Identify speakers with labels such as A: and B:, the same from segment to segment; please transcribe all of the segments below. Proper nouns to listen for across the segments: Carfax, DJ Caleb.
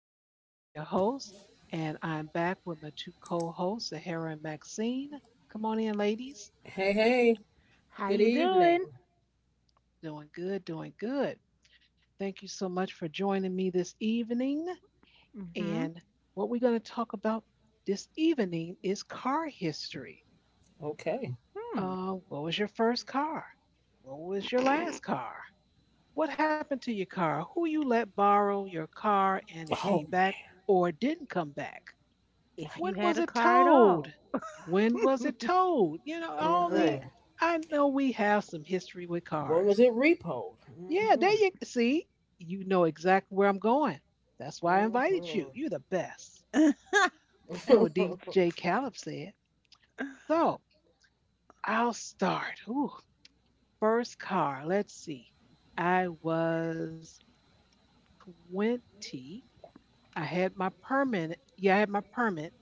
A: This is Shar, your host, and I'm back with my two co-hosts, Sahara and Maxine. Come on in, ladies.
B: Hey, hey,
C: How
B: good
C: you doing?
B: evening.
A: Doing good, doing good. Thank you so much for joining me this evening.
C: Mm-hmm.
A: And what we're going to talk about this evening is car history.
B: Okay.
C: Hmm.
A: What was your first car? What was your last car? What happened to your car? Who you let borrow your car and it came
B: Oh
A: back
B: man.
A: or didn't come back?
C: If
B: Oh
C: you
A: When
C: had
A: was
C: a
A: it
C: car at
A: told?
C: all.
A: When was it told? You know,
B: man.
A: all
C: All
B: Mm-hmm.
A: the
C: right.
A: I know we have some history with
B: When
A: cars.
B: was it repoed?
A: Yeah, there
B: Mm-hmm.
A: you see, you know exactly where I'm going. That's why I invited you.
B: Mm-hmm.
A: You're the best. That's what DJ Caleb said. So I'll start. Ooh, first car. Let's see. I was 20. I had my permit. Yeah, I had my permit.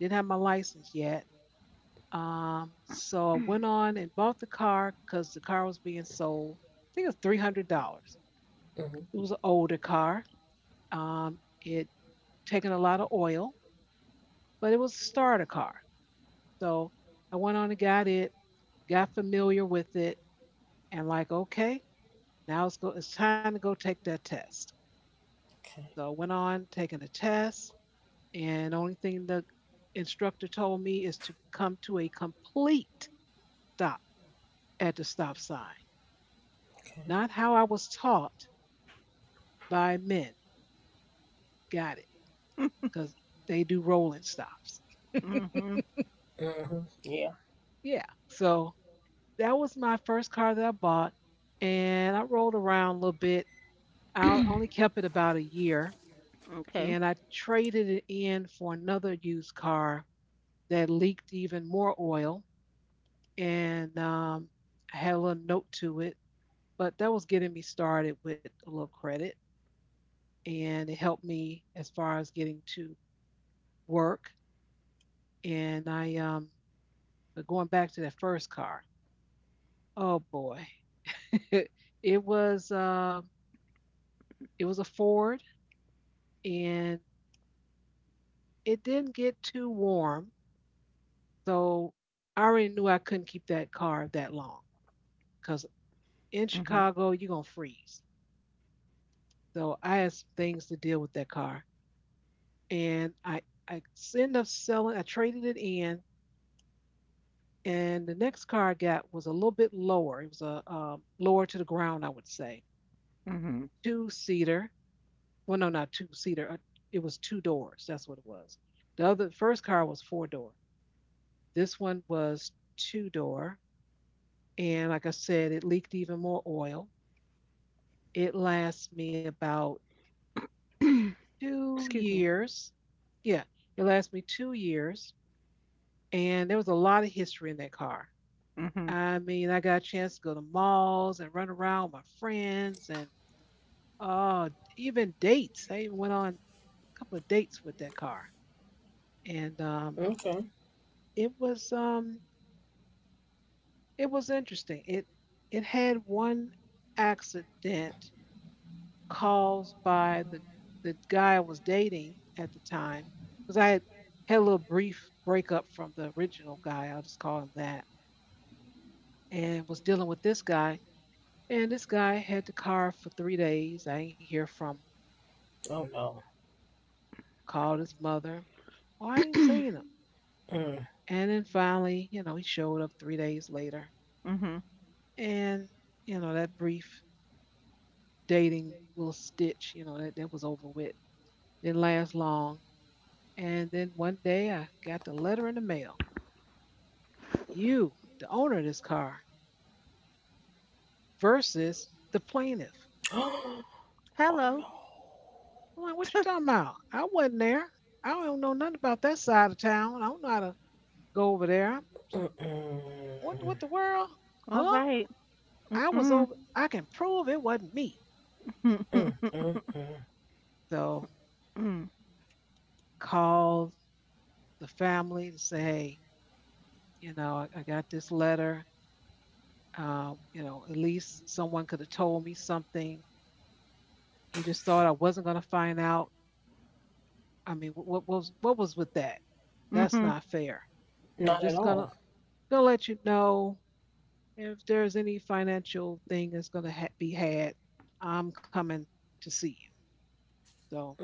A: Didn't have my license yet. So I went on and bought the car because the car was being sold. I think it was $300.
B: Hmm.
A: It was an older car. Um, it taken a lot of oil, but it was a starter car. So I went on and got it, got familiar with it, and like, okay, now it's go. It's time to go take that test.
B: Okay.
A: So I went on taking the test, and the only thing the instructor told me is to come to a complete stop at the stop sign.
B: Okay.
A: Not how I was taught, by men. Got it. Because they do rolling stops.
C: Mm-hmm.
B: Mm-hmm. Yeah.
A: Yeah. So that was my first car that I bought. And I rolled around a little bit. I only kept it about a year.
C: Okay.
A: And I traded it in for another used car that leaked even more oil. And I had a little note to it. But that was getting me started with a little credit. And it helped me as far as getting to work. And I, um, but going back to that first car, oh boy. It was uh, it was a Ford, and it didn't get too warm. So I already knew I couldn't keep that car that long because
C: Mm-hmm.
A: in Chicago you're gonna freeze. So I had some things to deal with that car. And I ended up selling I traded it in, and the next car I got was a little bit lower. It was a lower to the ground, I would say.
C: Mm-hmm.
A: Two seater Well, no, not two seater. It was two doors. That's what it was. The other first car was four door. This one was two door, and like I said, it leaked even more oil. It lasts me about two
C: Excuse me.
A: years. Yeah, it lasts me 2 years, and there was a lot of history in that car.
C: Mm-hmm.
A: I mean, I got a chance to go to malls and run around with my friends, and oh, even dates. I even went on a couple of dates with that car, and
B: Okay.
A: it was um it was interesting. It had 1 accident caused by the guy I was dating at the time because had a little brief breakup from the original guy. I'll just call him that, and was dealing with this guy. And this guy had the car for 3 days. I ain't hear from him.
B: Oh no.
A: Called his mother. Well, I ain't seen him.
B: Mm.
A: And then finally, you know, he showed up 3 days later.
C: Mm-hmm.
A: And, you know, that brief dating little stitch, you know, that was over with. Didn't last long. And then one day I got the letter in the mail. You, the owner of this car, versus the plaintiff.
B: Oh
C: Hello.
B: no.
A: I'm like, what you talking about? I wasn't there. I don't know nothing about that side of town. I don't know how to go over there. What
B: Mm-mm.
A: the world?
C: All
A: Huh?
C: right. Mm-mm.
A: I can prove it wasn't me.
C: Mm-mm.
B: Mm-mm.
A: So called the family to say, hey, I got this letter. You know, at least someone could have told me something. You just thought I wasn't gonna find out. I mean, what was what was with that? That's
C: Mm-hmm.
A: not fair. So I'm
B: Not at
A: just
B: all.
A: gonna gonna let you know if there's any financial thing that's gonna be had. I'm coming to see you. So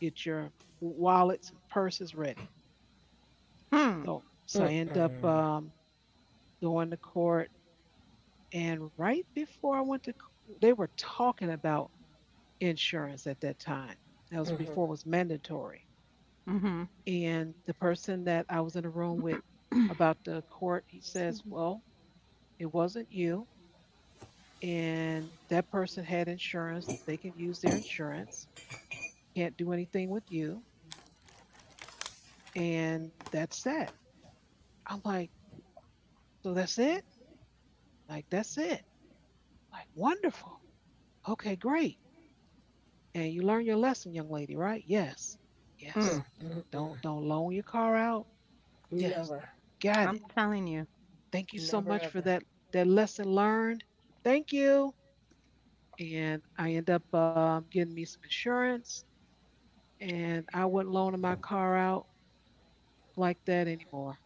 A: get your wallets and purses ready.
C: Hmm.
A: So I end up
B: Mm-mm.
A: going to court, and right before I went to, they were talking about insurance at that time. That was
B: Mm-hmm.
A: before it was mandatory.
C: Mm-hmm.
A: And the person that I was in a room with about the court, he
C: Excuse
A: says,
C: me.
A: well, it wasn't you. And that person had insurance. They can use their insurance. Can't do anything with you. And that's that. I'm like, so that's it? Like, that's it. Like, wonderful. Okay, great. And you learn your lesson, young lady, right? Yes. Yes.
C: Mm.
B: Mm-mm.
A: Don't loan your car out. Yes.
B: Never.
A: Got it.
C: I'm telling you.
A: Thank you so
B: Never
A: much for
B: ever.
A: that lesson learned. Thank you. And I end up getting me some insurance, and I wouldn't loan my car out like that anymore.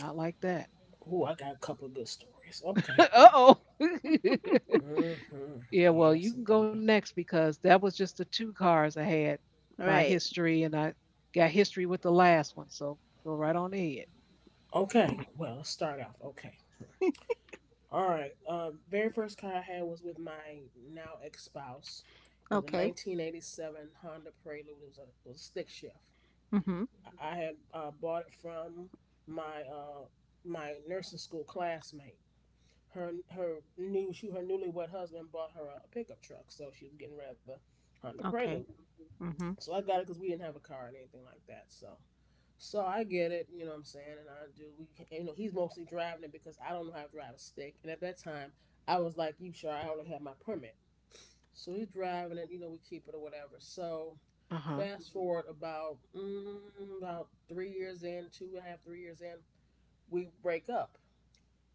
A: Not like that.
B: Ooh, I got a couple of good stories. Okay.
A: uh oh.
B: Mm-hmm.
A: Yeah, well,
B: Yes,
A: you can go
B: indeedy.
A: next because that was just the two cars I had, my
C: Right.
A: history, and I got history with the last one. So go right on ahead.
B: Okay, well, let's start off. Okay. All right. Very first car I had was with my now ex spouse. It was a
C: Okay.
B: 1987 Honda Prelude. It was a stick shift.
C: Mm-hmm.
B: I had bought it from my uh, my nursing school classmate. Her newlywed husband bought her a pickup truck, so she was getting rather Honda Prelude.
C: Okay. Mm-hmm.
B: So I got it because we didn't have a car or anything like that. So I get it, you know what I'm saying, and I do. You know, he's mostly driving it because I don't know how to drive a stick. And at that time, I was like, "You sure?" I only had my permit, so he's driving it. You know, we keep it or whatever. So
A: Uh huh.
B: fast forward about about 3 years in, two and a half, 3 years in, we break up.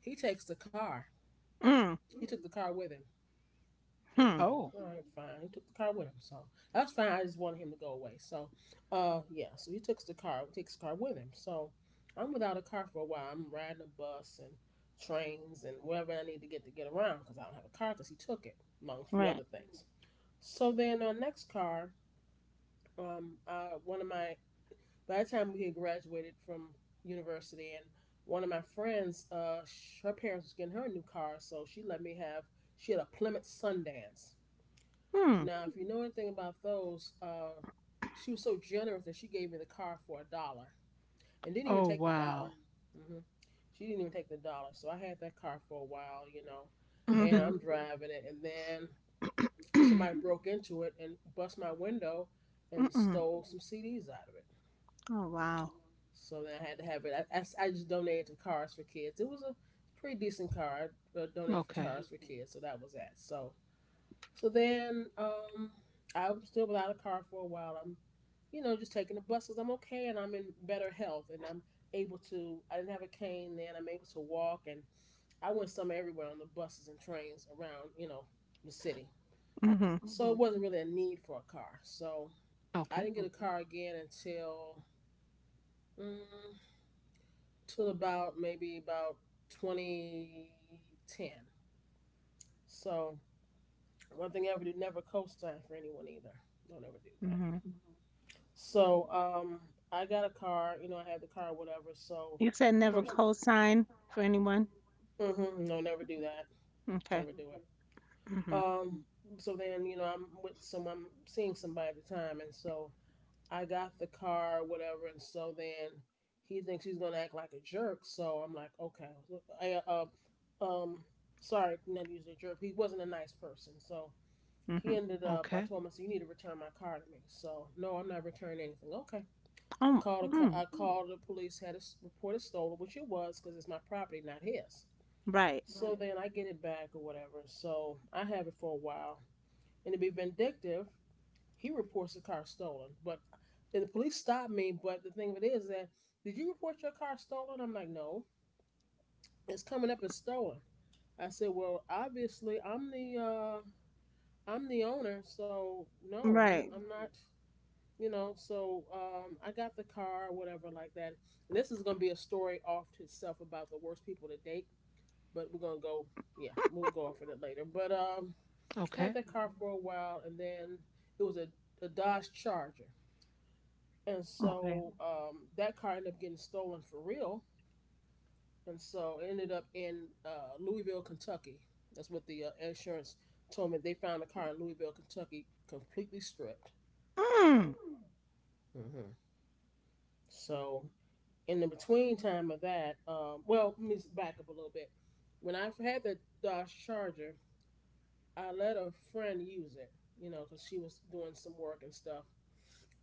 B: He takes the car.
C: Mm.
B: He took the car with him.
C: Hmm.
B: Okay.
A: Oh.
B: All right. Fine. He took the car with him, so that's fine. I just wanted him to go away. So, yeah. So he took the car. Takes the car with him. So I'm without a car for a while. I'm riding a bus and trains and wherever I need to get around because I don't have a car because he took it among a few
C: Right.
B: other things. So then our next car, one of my by the time we had graduated from university and one of my friends, her parents was getting her a new car, so she let me have. She had a Plymouth Sundance.
C: Hmm.
B: Now, if you know anything about those, she was so generous that she gave me the car for a dollar and didn't even
A: Oh,
B: take the
A: wow.
B: dollar. Hmm. She didn't even take the dollar. So I had that car for a while, you know, and
C: Mm-hmm.
B: I'm driving it. And then somebody broke into it and bust my window and
C: Mm-mm.
B: stole some CDs out of it.
C: Oh, wow.
B: So then I had to have it. I just donated to Cars for Kids. It was a pretty decent car. I donated for Cars
A: Okay.
B: for Kids. So that was that. So then I'm still without a car for a while. Just taking the bus because I'm okay and I'm in better health and I didn't have a cane then. I'm able to walk and I went some everywhere on the buses and trains around, the city.
C: Mm-hmm.
B: Mm-hmm. So it wasn't really a need for a car. So I
A: Okay.
B: didn't get a car again until, mm, till about maybe about 2010. So one thing I ever do, never co-sign for anyone either. Don't ever do that.
C: Mm-hmm.
B: So I got a car. You know, I had the car, whatever. So
C: You said
B: the
C: never
B: person,
C: co-sign for anyone?
B: no, never do that.
C: Okay.
B: Never do it.
C: Mm-hmm.
B: Um, so then I'm with some. I'm seeing somebody at the time, and so I got the car, whatever. And so then he thinks he's gonna act like a jerk. So I'm like, okay. I, um, sorry, not usually a jerk. He wasn't a nice person, so. He
C: Mm-hmm.
B: ended up.
A: Okay.
B: I told him, I said, "You need to return my car to me." So, no, I'm not returning anything. Okay.
C: Oh,
B: Called a,
C: mm.
B: I called the police, had it reported stolen, which it was because it's my property, not his.
C: Right.
B: So then I get it back or whatever. So I have it for a while. And to be vindictive, he reports the car stolen. But then the police stop me. But the thing of it is that, did you report your car stolen? I'm like, no, it's coming up as stolen. I said, well, obviously I'm the owner, so no, I'm
C: Right.
B: I'm not, so I got the car, whatever, like that. And this is going to be a story off to itself about the worst people to date, but we're going to go, yeah, we'll go off of it later. But I had
A: Okay.
B: that car for a while, and then it was a Dodge Charger, and
C: Okay.
B: so that car ended up getting stolen for real. And so it ended up in Louisville, Kentucky. That's what the insurance told me. They found the car in Louisville, Kentucky, completely stripped.
C: Mm.
B: Mm-hmm. So in the between time of that, well, let me back up a little bit. When I had the Dodge Charger, I let a friend use it, because she was doing some work and stuff.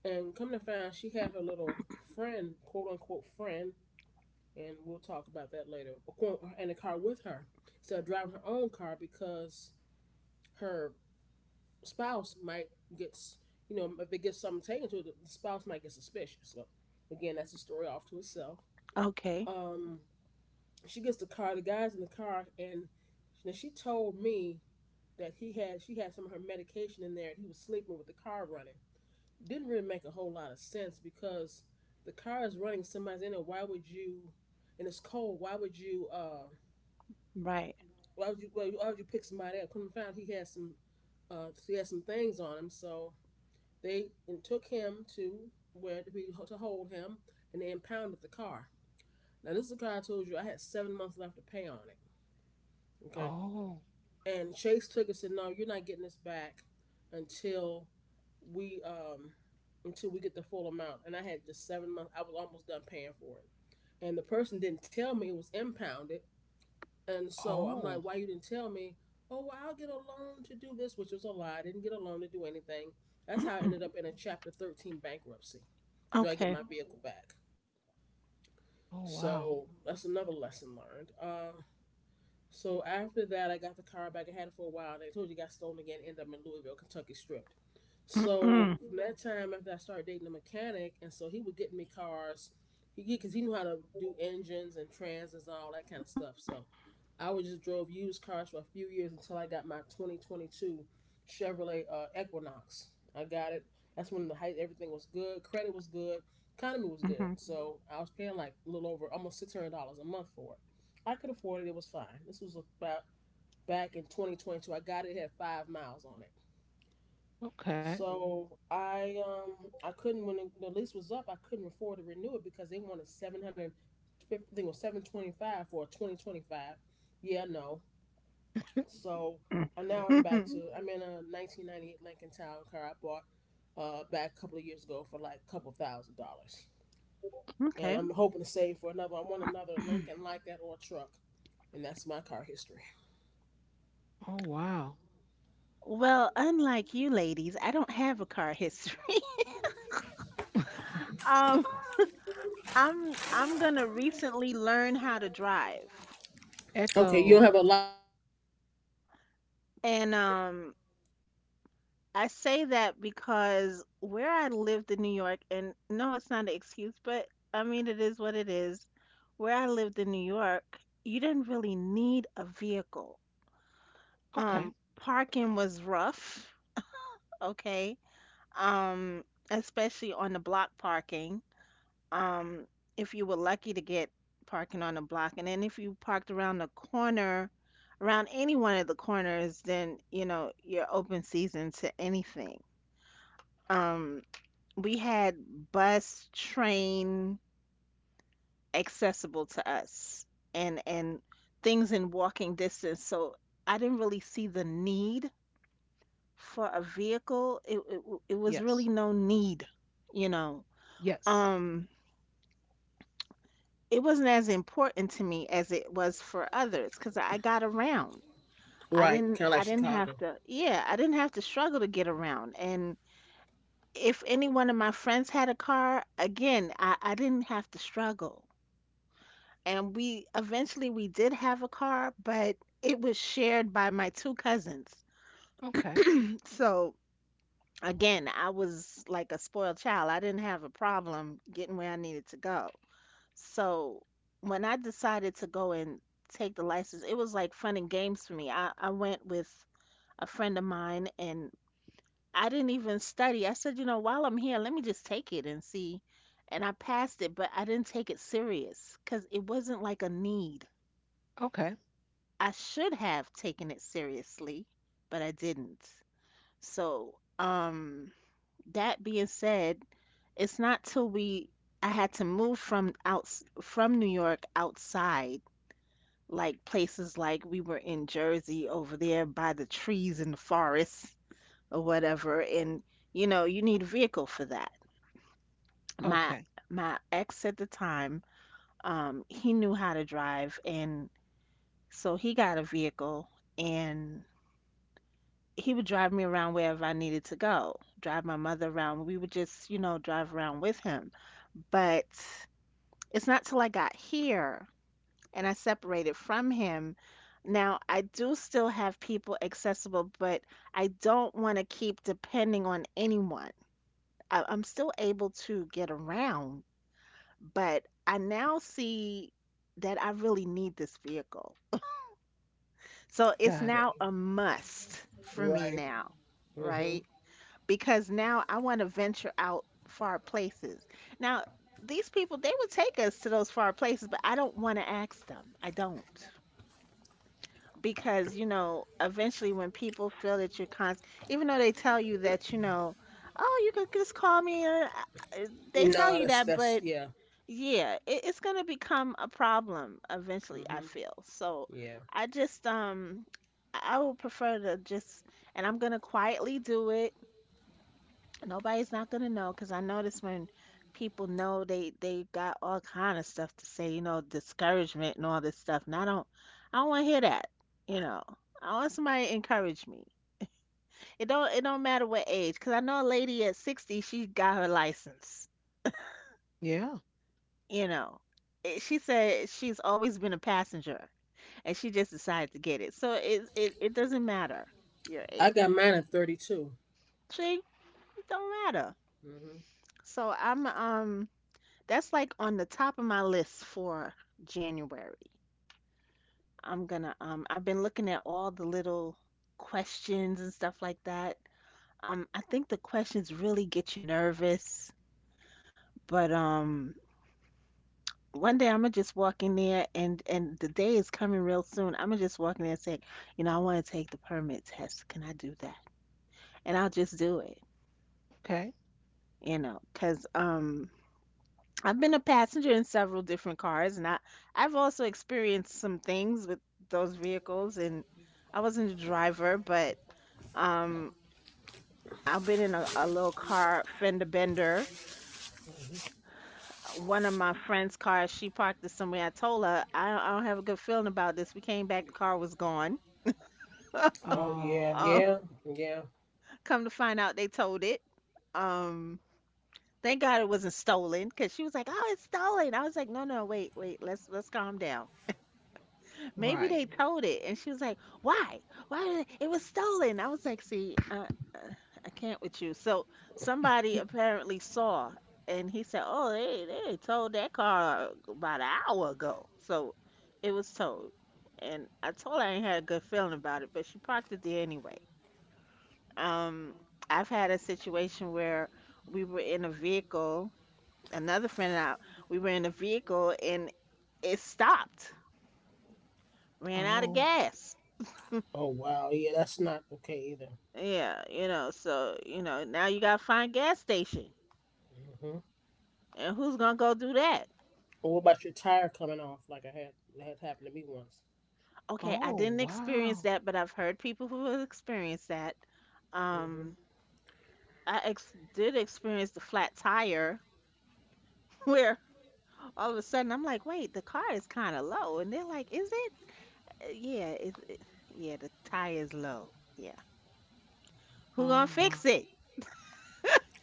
B: And come to find, she had her little friend, quote unquote friend, and we'll talk about that later, in the car with her instead of driving her own car because her spouse might get, if it gets something taken to it, the spouse might get suspicious. So, again, that's a story off to itself.
C: Okay.
B: Um, she gets the car. The guy's in the car, and now she told me that he had she had some of her medication in there, and he was sleeping with the car running. Didn't really make a whole lot of sense because the car is running. Somebody's in it. Why would you? And it's cold. Why would you?
C: Right.
B: Why would you? Why would you pick somebody up? Couldn't find he had some. He had some things on him, so they and took him to where to, to, hold him, and they impounded the car. Now this is the car I told you I had 7 months left to pay on it. Okay.
A: Oh.
B: And Chase Tigger said, "No, you're not getting this back until we um we get the full amount." And I had just 7 months. I was almost done paying for it, and the person didn't tell me it was impounded. And so I'm
A: Oh.
B: like, "Why you didn't tell me?" Oh, well, I'll get a loan to do this, which was a lie. I didn't get a loan to do anything. That's how I
C: Mm-mm.
B: ended up in a Chapter 13 bankruptcy. Do I get
C: Okay.
B: my vehicle back?
A: Oh, wow.
B: So that's another lesson learned. So after that, I got the car back. I had it for a while. And I told you, it got stolen again. Ended up in Louisville, Kentucky, stripped. So
C: Mm-mm.
B: from that time, after I started dating a mechanic, and so he would get me cars. He get because he knew how to do engines and transits and all that kind of stuff. So I would just drove used cars for a few years until I got my 2022 Chevrolet Equinox. I got it. That's when the height everything was good. Credit was good. Economy was
C: Mm-hmm.
B: good. So I was paying like a little over almost $600 a month for it. I could afford it. It was fine. This was about back in 2022. I got it, it had 5 miles on it.
A: Okay.
B: So I couldn't when the lease was up, I couldn't afford to renew it because they wanted $750, I think it was 725 for a 2025. Yeah, no. So
C: Mm.
B: and now I'm back
C: Mhm.
B: to I'm in a 1998 Lincoln Town car I bought back a couple of years ago for like a couple thousand dollars. And
C: Okay.
B: I'm hoping to save for another I want another Lincoln like that or a truck. And that's my car history.
A: Oh, wow.
C: Well, unlike you ladies, I don't have a car history. Um, I'm gonna recently learn how to drive.
B: Okay, you don't
A: Echo.
B: have a lot.
C: And I say that because where I lived in New York, and no, it's not an excuse, but I mean, it is what it is. Where I lived in New York, you didn't really need a vehicle.
A: Okay.
C: Parking was rough, okay? Um, especially on the block parking. Um, if you were lucky to get parking on the block, and then if you parked around the corner, around any one of the corners, then, you know, you're open season to anything. Um, we had bus, train accessible to us and things in walking distance. So I didn't really see the need for a vehicle. It was
A: Yes.
C: really no need, you know.
A: Yes.
C: Um it wasn't as important to me as it was for others because I got around. I
B: Right.
C: didn't
B: Kind of like
C: I didn't have
B: Chicago.
C: to yeah, I didn't have to struggle to get around. And if any one of my friends had a car, again, I didn't have to struggle. And we eventually we did have a car, but it was shared by my two cousins.
A: Okay.
C: So again, I was like a spoiled child. I didn't have a problem getting where I needed to go. So when I decided to go and take the license, it was like fun and games for me. I went with a friend of mine and I didn't even study. I said, you know, while I'm here, let me just take it and see. And I passed it, but I didn't take it serious because it wasn't like a need.
A: Okay.
C: I should have taken it seriously, but I didn't. So, that being said, it's not till we I had to move from outs from New York outside, like places like we were in Jersey over there by the trees and the forest or whatever, and you know, you need a vehicle for that. My
A: Okay.
C: my ex at the time, he knew how to drive and so he got a vehicle and he would drive me around wherever I needed to go, drive my mother around. We would just, you know, drive around with him. But it's not till I got here and I separated from him. Now, I do still have people accessible, but I don't want to keep depending on anyone. I'm still able to get around, but I now see that I really need this vehicle. So it's
A: Got it.
C: now a must for me
B: Right.
C: now,
B: Mm-hmm.
C: right? Because now I want to venture out far places. Now, these people, they would take us to those far places, but I don't want to ask them. I don't. Because, you know, eventually when people feel that you're constant, even though they tell you that, you know, oh, you could just call me, or uh, they tell
B: No,
C: you
B: that's
C: that,
B: that's
C: but
B: yeah.
C: yeah, it's going to become a problem eventually, I
B: Mm-hmm.
C: feel. So
B: Yeah.
C: I just, I would prefer to just, and I'm going to quietly do it. Nobody's not gonna know because I notice when people know they got all kind of stuff to say, you know, discouragement and all this stuff. And I don't want to hear that, you know. I want somebody to encourage me. It don't matter what age, because I know a lady at 60, she got her license,
A: Yeah.
C: you know. It, she said she's always been a passenger and she just decided to get it. So it doesn't matter your
B: I
C: age.
B: got mine at 32.
C: See, it don't matter.
B: Mm-hmm.
C: So I'm that's like on the top of my list for January. I'm gonna I've been looking at all the little questions and stuff like that. I think the questions really get you nervous, but one day I'm gonna just walk in there and the day is coming real soon. I'm gonna just walk in there and say, you know, I want to take the permit test. Can I do that? And I'll just do it,
A: Okay.
C: you know, 'cause I've been a passenger in several different cars, and I've also experienced some things with those vehicles. And I wasn't a driver, but um, I've been in a little car fender bender. One of my friend's cars, she parked it somewhere. I told her I don't have a good feeling about this. We came back, the car was gone.
B: Oh yeah,
A: Oh,
C: Um,
B: yeah, yeah.
C: come to find out, they towed it. Um, thank God it wasn't stolen, because she was like, "Oh, it's stolen." I was like, "No, no, wait, wait. Let's calm down." Maybe they
A: right.
C: told it, and she was like, "Why? Why did it, it was stolen?" I was like, "See, uh, I can't with you." So somebody apparently saw, and he said, "Oh, they towed that car about an hour ago." So it was towed, and I told her I ain't had a good feeling about it, but she parked it there anyway. Um, I've had a situation where we were in a vehicle. Another friend and I, we were in a vehicle, and it stopped, ran out of
A: Oh,
C: gas.
B: Oh wow, yeah. That's not okay either.
C: Yeah, you know, so, you know, now you gotta find gas station.
B: Mm-hmm.
C: And who's gonna go do that?
B: Or what about your tire coming off? Like I had that had happened to me once.
C: Okay, I
A: oh,
C: didn't experience
A: wow.
C: that, but I've heard people who have experienced that.
B: Mm-hmm.
C: Um, I ex did experience the flat tire where all of a sudden I'm like, wait, the car is kind of low. And they're like, is it? Yeah, yeah, the tire is low. Yeah. Who gonna
A: Oh, my.
C: fix it?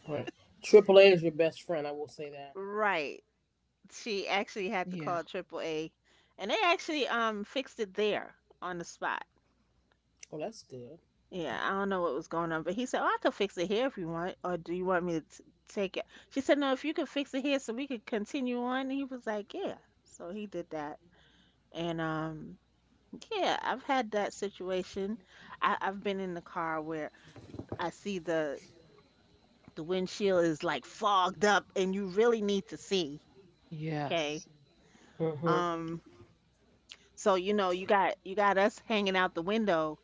B: Right. AAA is your best friend. I will say that.
C: Right. She actually had to
A: Yeah.
C: call Triple A, and they actually fixed it there on the spot.
B: Oh, that's good.
C: Yeah, I don't know what was going on, but he said, "Oh, I could fix it here if you want, or do you want me to t take it?" She said, "No, if you could fix it here, so we could continue on." And he was like, "Yeah." So he did that, and yeah, I've had that situation. I've been in the car where I see the windshield is like fogged up, and you really need to see. Okay.
A: Yes.
B: Mm-hmm.
C: Um, so you know, you got us hanging out the window,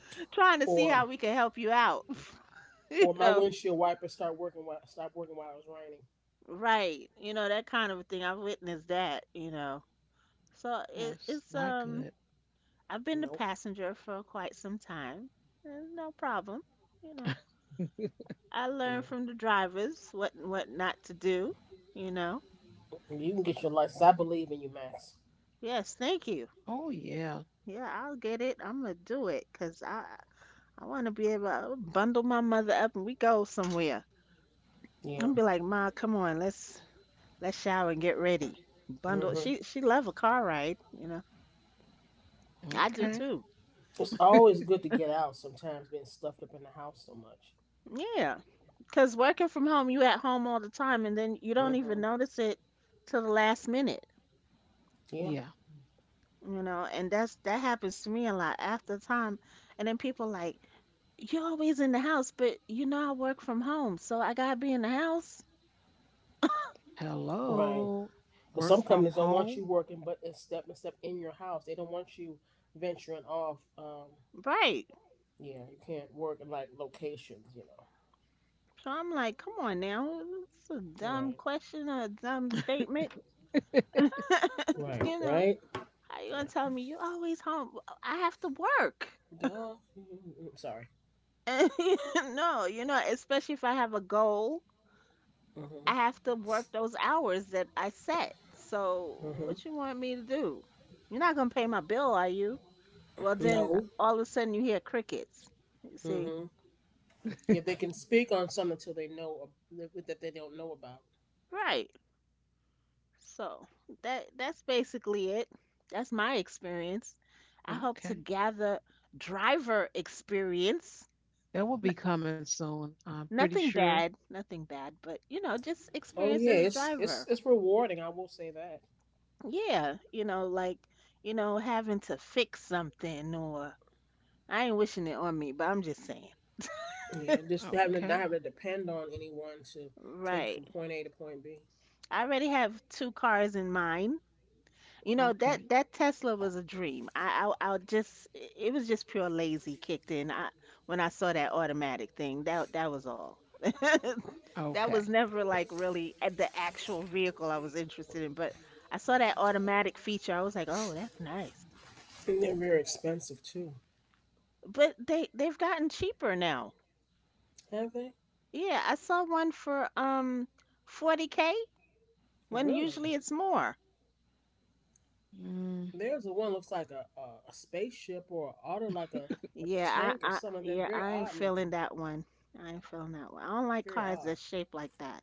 C: trying to see how
B: Or
C: we can help you out. You
B: or my
C: know.
B: windshield wipers start working while stop working while it was raining.
C: Right. You know, that kind of a thing. I've witnessed that, you know. So it,
A: That's
C: it's
A: not good.
C: I've been the
B: Nope.
C: passenger for quite some time. And no problem. You know. I learned
B: Yeah.
C: from the drivers what not to do, you know.
B: You can get your license. I believe in you, Max.
C: Yes, thank you.
A: Oh, yeah.
C: Yeah, I'll get it. I'm gonna do it 'cause I want to be able to bundle my mother up and we go somewhere.
B: Yeah.
C: I'm be like, "Ma, come on. Let's shower and get ready." Bundle.
B: Hmm.
C: She love a car ride, you know. I do
A: Okay.
C: too.
B: It's always good to get out. Sometimes being stuffed up in the house so much.
C: Yeah. Because working from home, you at home all the time, and then you don't even
B: Hmm.
C: notice it till the last minute,
B: Yeah,
A: Yeah.
C: you know. And that's that happens to me a lot after time. And then people like, you're always in the house, but you know I work from home, so I gotta be in the house,
B: right.
A: Hello.
B: Because
A: Work
B: some
A: from
B: companies don't want
A: home.
B: you working, but it's step and step in your house. They don't want you venturing off.
C: right?
B: Yeah, you can't work in like locations. You know.
C: So I'm like, come on now, it's a dumb
B: Right.
C: question or a dumb statement,
B: Right.
C: you know.
B: Right.
C: How you gonna
B: Yeah.
C: tell me you always home? Well, I have to work.
B: Duh. Mm-hmm. Sorry.
C: No, you know, especially if I have a goal
B: Hmm.
C: I have to work those hours that I set. So
B: Hmm.
C: what you want me to do? You're not gonna pay my bill, are you? Well, then
B: No.
C: all of a sudden you hear crickets. You see,
B: Hmm. Yeah, they can speak on something until they know that they don't know about.
C: right? So that's basically it. That's my experience. I hope to
A: Okay.
C: gather driver experience.
A: That will
C: N-
A: be coming soon, I'm pretty
C: nothing
A: sure.
C: bad, nothing bad, but you know, just
B: Oh
C: experience
B: yeah,
C: as a
B: it's it's
C: driver.
B: it's rewarding. I will say that.
C: Yeah, you know, like you know, having to fix something or I ain't wishing it on me, but I'm just saying.
B: Yeah, just having to
A: Okay.
B: not having to depend on anyone to take you
C: Right.
B: from point A to point B.
C: I already have two cars in mind. You know
A: Okay.
C: that Tesla was a dream. I just it was just pure lazy kicked in. I when I saw that automatic thing, that was all. That
A: Okay.
C: was never like really at the actual vehicle I was interested in, but I saw that automatic feature. I was like, "Oh, that's nice."
B: And they're very expensive too.
C: But they've gotten cheaper now.
B: Have they?
C: Yeah, I saw one for 40K when
B: Really?
C: usually it's more.
A: Mm,
B: There's a one looks like a spaceship or an auto like a tank or something that's very
C: I ain't
B: odd
C: feeling
B: looking.
C: that one. I ain't feeling that one. I don't like
B: Very
C: cars
B: odd.
C: that's shaped like that.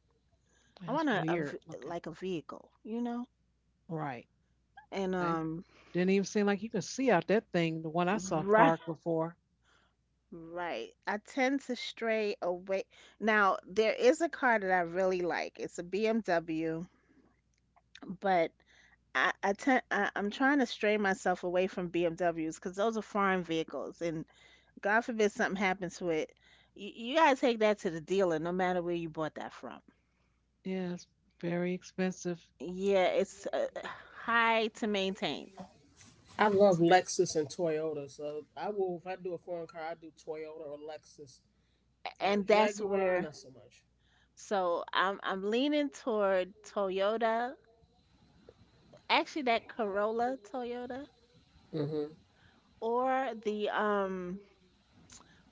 C: I
A: that's
C: want
A: weird looking.
C: like a vehicle, you know?
A: Right.
C: And
A: I didn't even seem like you could see out that thing, the one I saw
C: right
A: parked before.
C: right. I tend to stray away. Now, there is a car that I really like. It's a BMW, but I'm trying to stray myself away from BMWs because those are foreign vehicles and God forbid something happens to it. You gotta take that to the dealer no matter where you bought that from.
A: Yeah, it's very expensive.
C: Yeah, it's high to maintain,
B: I love Lexus and Toyota, so I will if I do a foreign car, I do Toyota or Lexus.
C: and that's
B: Jaguar,
C: where.
B: not so much.
C: So I'm leaning toward Toyota. Actually, that Corolla Toyota
B: Mm-hmm.
C: or the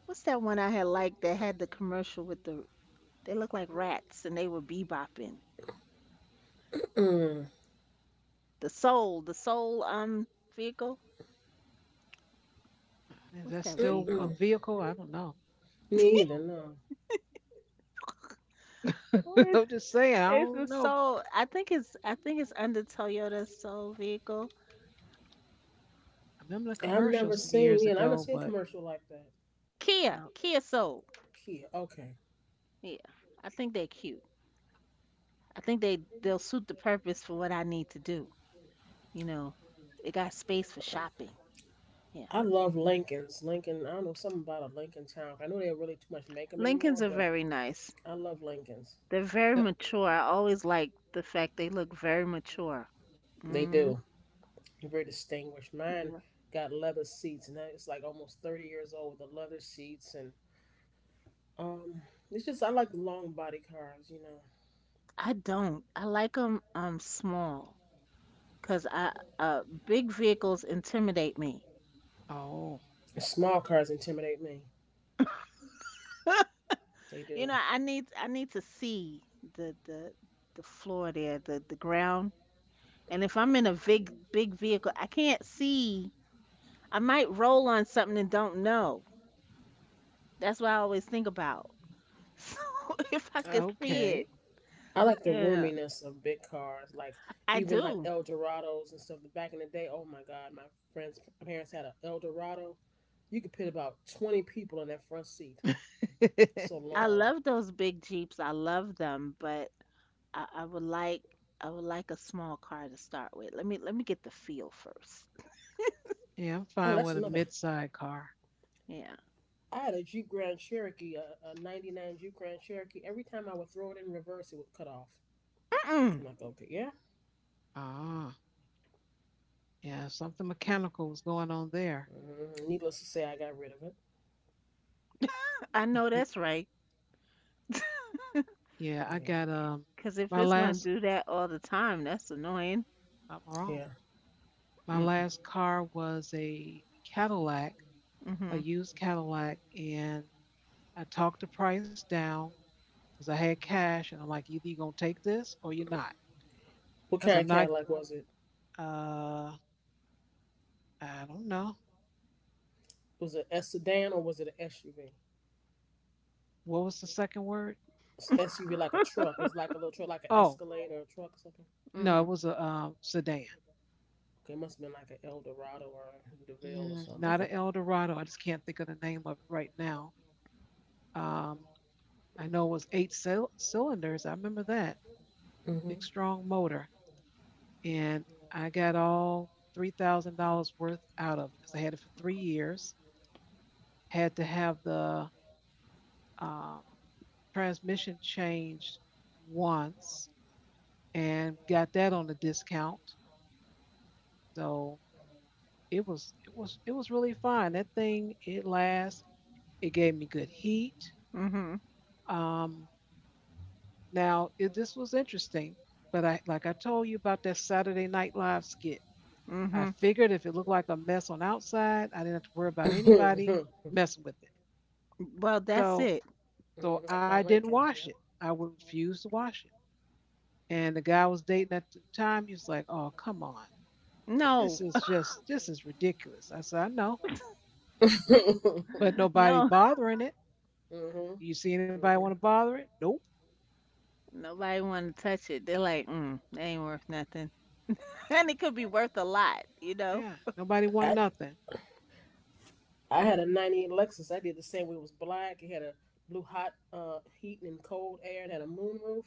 C: what's that one I had liked that had the commercial with they look like rats and they were bebopping.
B: Mm,
C: The Soul vehicle.
A: Is
C: What's
A: that
C: that
A: still a
C: vehicle?
A: vehicle? I don't know.
B: Me either. No,
C: What is
A: I'm just saying, I
C: it's the
A: don't know.
C: Soul. I think it's under Toyota Soul vehicle.
A: I remember the
B: I've
A: commercial
B: never
A: some
B: seen.
A: years
B: Yeah, I've never
A: ago,
B: seen a
A: but
B: commercial like that.
A: I
C: Kia Soul.
B: Kia. Okay,
C: Yeah, I think they're cute. I think they'll suit the purpose for what I need to do. You know, it got space for shopping. Yeah.
B: I love Lincolns. Lincoln, I don't know something about a Lincoln town. I know they don't really too much make them anymore,
C: Lincolns are
B: but
C: very nice.
B: I love Lincolns.
C: They're very mature. I always like the fact they look very mature.
B: They
C: Mm,
B: do. They're very distinguished. Mine
C: yeah.
B: got leather seats, and that is like almost 30 years old with the leather seats, and um, it's just I like the long body cars.
C: I don't. I like them small cuz I big vehicles intimidate me.
A: oh,
B: The small cars intimidate me. They
C: You
B: do.
C: know, I need to see the the the floor there, the ground. And if I'm in a big big vehicle, I can't see. I might roll on something and don't know. That's what I always think about. So if I could see
A: okay.
C: it,
B: I like the
C: yeah,
B: roominess of big cars, like
C: I
B: even like
C: do.
B: El Dorados and stuff. Back in the day, oh my God, my parents had an El Dorado. You could put about 20 people in that front seat
A: Yeah,
B: so
C: I
B: long.
C: love those big Jeeps. I love them, but I, I would like I would like a small car to start with. Let me get the feel first.
A: I'm
B: Oh,
A: fine
B: that's
A: with a
B: another.
A: mid-side car.
C: Yeah.
B: I had a Jeep Grand Cherokee, a 99 Jeep Grand Cherokee. Every time I would throw it in reverse, it would cut off.
C: Mm-mm.
B: I'm like, okay, yeah.
A: Ah, yeah, something mechanical was going on there.
B: Mhm. Needless to say, I got rid of it.
C: I know that's right.
A: Yeah, I
B: Yeah.
A: got
C: Cause
A: my
C: if it's gonna
A: last.
C: do that all the time, that's annoying.
A: I'm wrong.
B: Yeah.
A: My
C: Mm.
A: last car was a Cadillac, a
C: Mhm.
A: used Cadillac, and I talked the price down because I had cash, and I'm like, either you're gonna take this or you're not,
B: What
A: because
B: kind of
A: I'm not.
B: Cadillac was it?
A: Uh, I don't know
B: Was it a sedan or was it an SUV?
A: what was the second word.
B: SUV like a truck. Was it like a little truck, like an
A: Oh
B: Escalade or a truck or something?
A: no,
C: Mhm.
A: it was a sedan,
B: Okay, it must have been like an Eldorado or a DeVille or
A: mm,
B: something.
A: not an
B: Okay.
A: Eldorado. I just can't think of the name of it right now. Um, I know it was 8 cylinders. I remember that
B: hmm
A: big strong motor. And I got all $3,000 worth out of it because I had it for 3 years. Had to have the um, transmission changed once, and got that on a discount. So it was really fine. That thing it lasts. It gave me good heat.
C: Mhm.
A: Um, Now it, this was interesting, but I like I told you about that Saturday Night Live skit. I
C: Mhm.
A: figured if it looked like a mess on outside, I didn't have to worry about anybody
B: hmm
A: messing with it.
C: Well, that's it.
A: So so
B: Like my
A: I didn't
B: Lincoln.
A: wash
B: Yep.
A: it. I would refuse to wash it. And the guy I was dating at the time, he was like, oh, come on.
C: No.
A: This is ridiculous. I said, I know, but nobody's
C: No.
A: bothering it.
B: hmm
A: You see anybody want to
B: hmm
A: bother it? Nope.
C: Nobody want to touch it. They're like, mm, that ain't worth nothing. And it could be worth a lot, you know?
A: Yeah. Nobody want
B: I,
A: nothing.
B: I had a 98 Lexus. I did the same way. It was black. It had a blue hot heat and cold air. It had a moonroof.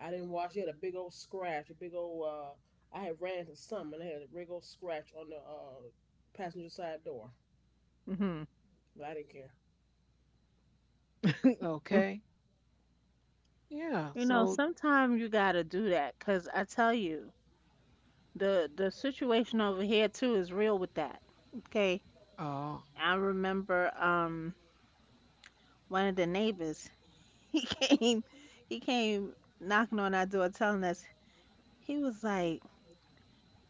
B: I didn't wash it. It had a big old scratch, a big old. I had ran into some and it had a big old scratch on the passenger side door.
C: Hmm.
B: But I didn't care.
A: Okay. Yeah.
C: You know,
A: So
C: sometimes you gotta do that, 'cause I tell you, the situation over here too is real with that. Okay.
A: oh,
C: I remember one of the neighbors. he came he came knocking on our door telling us he was like,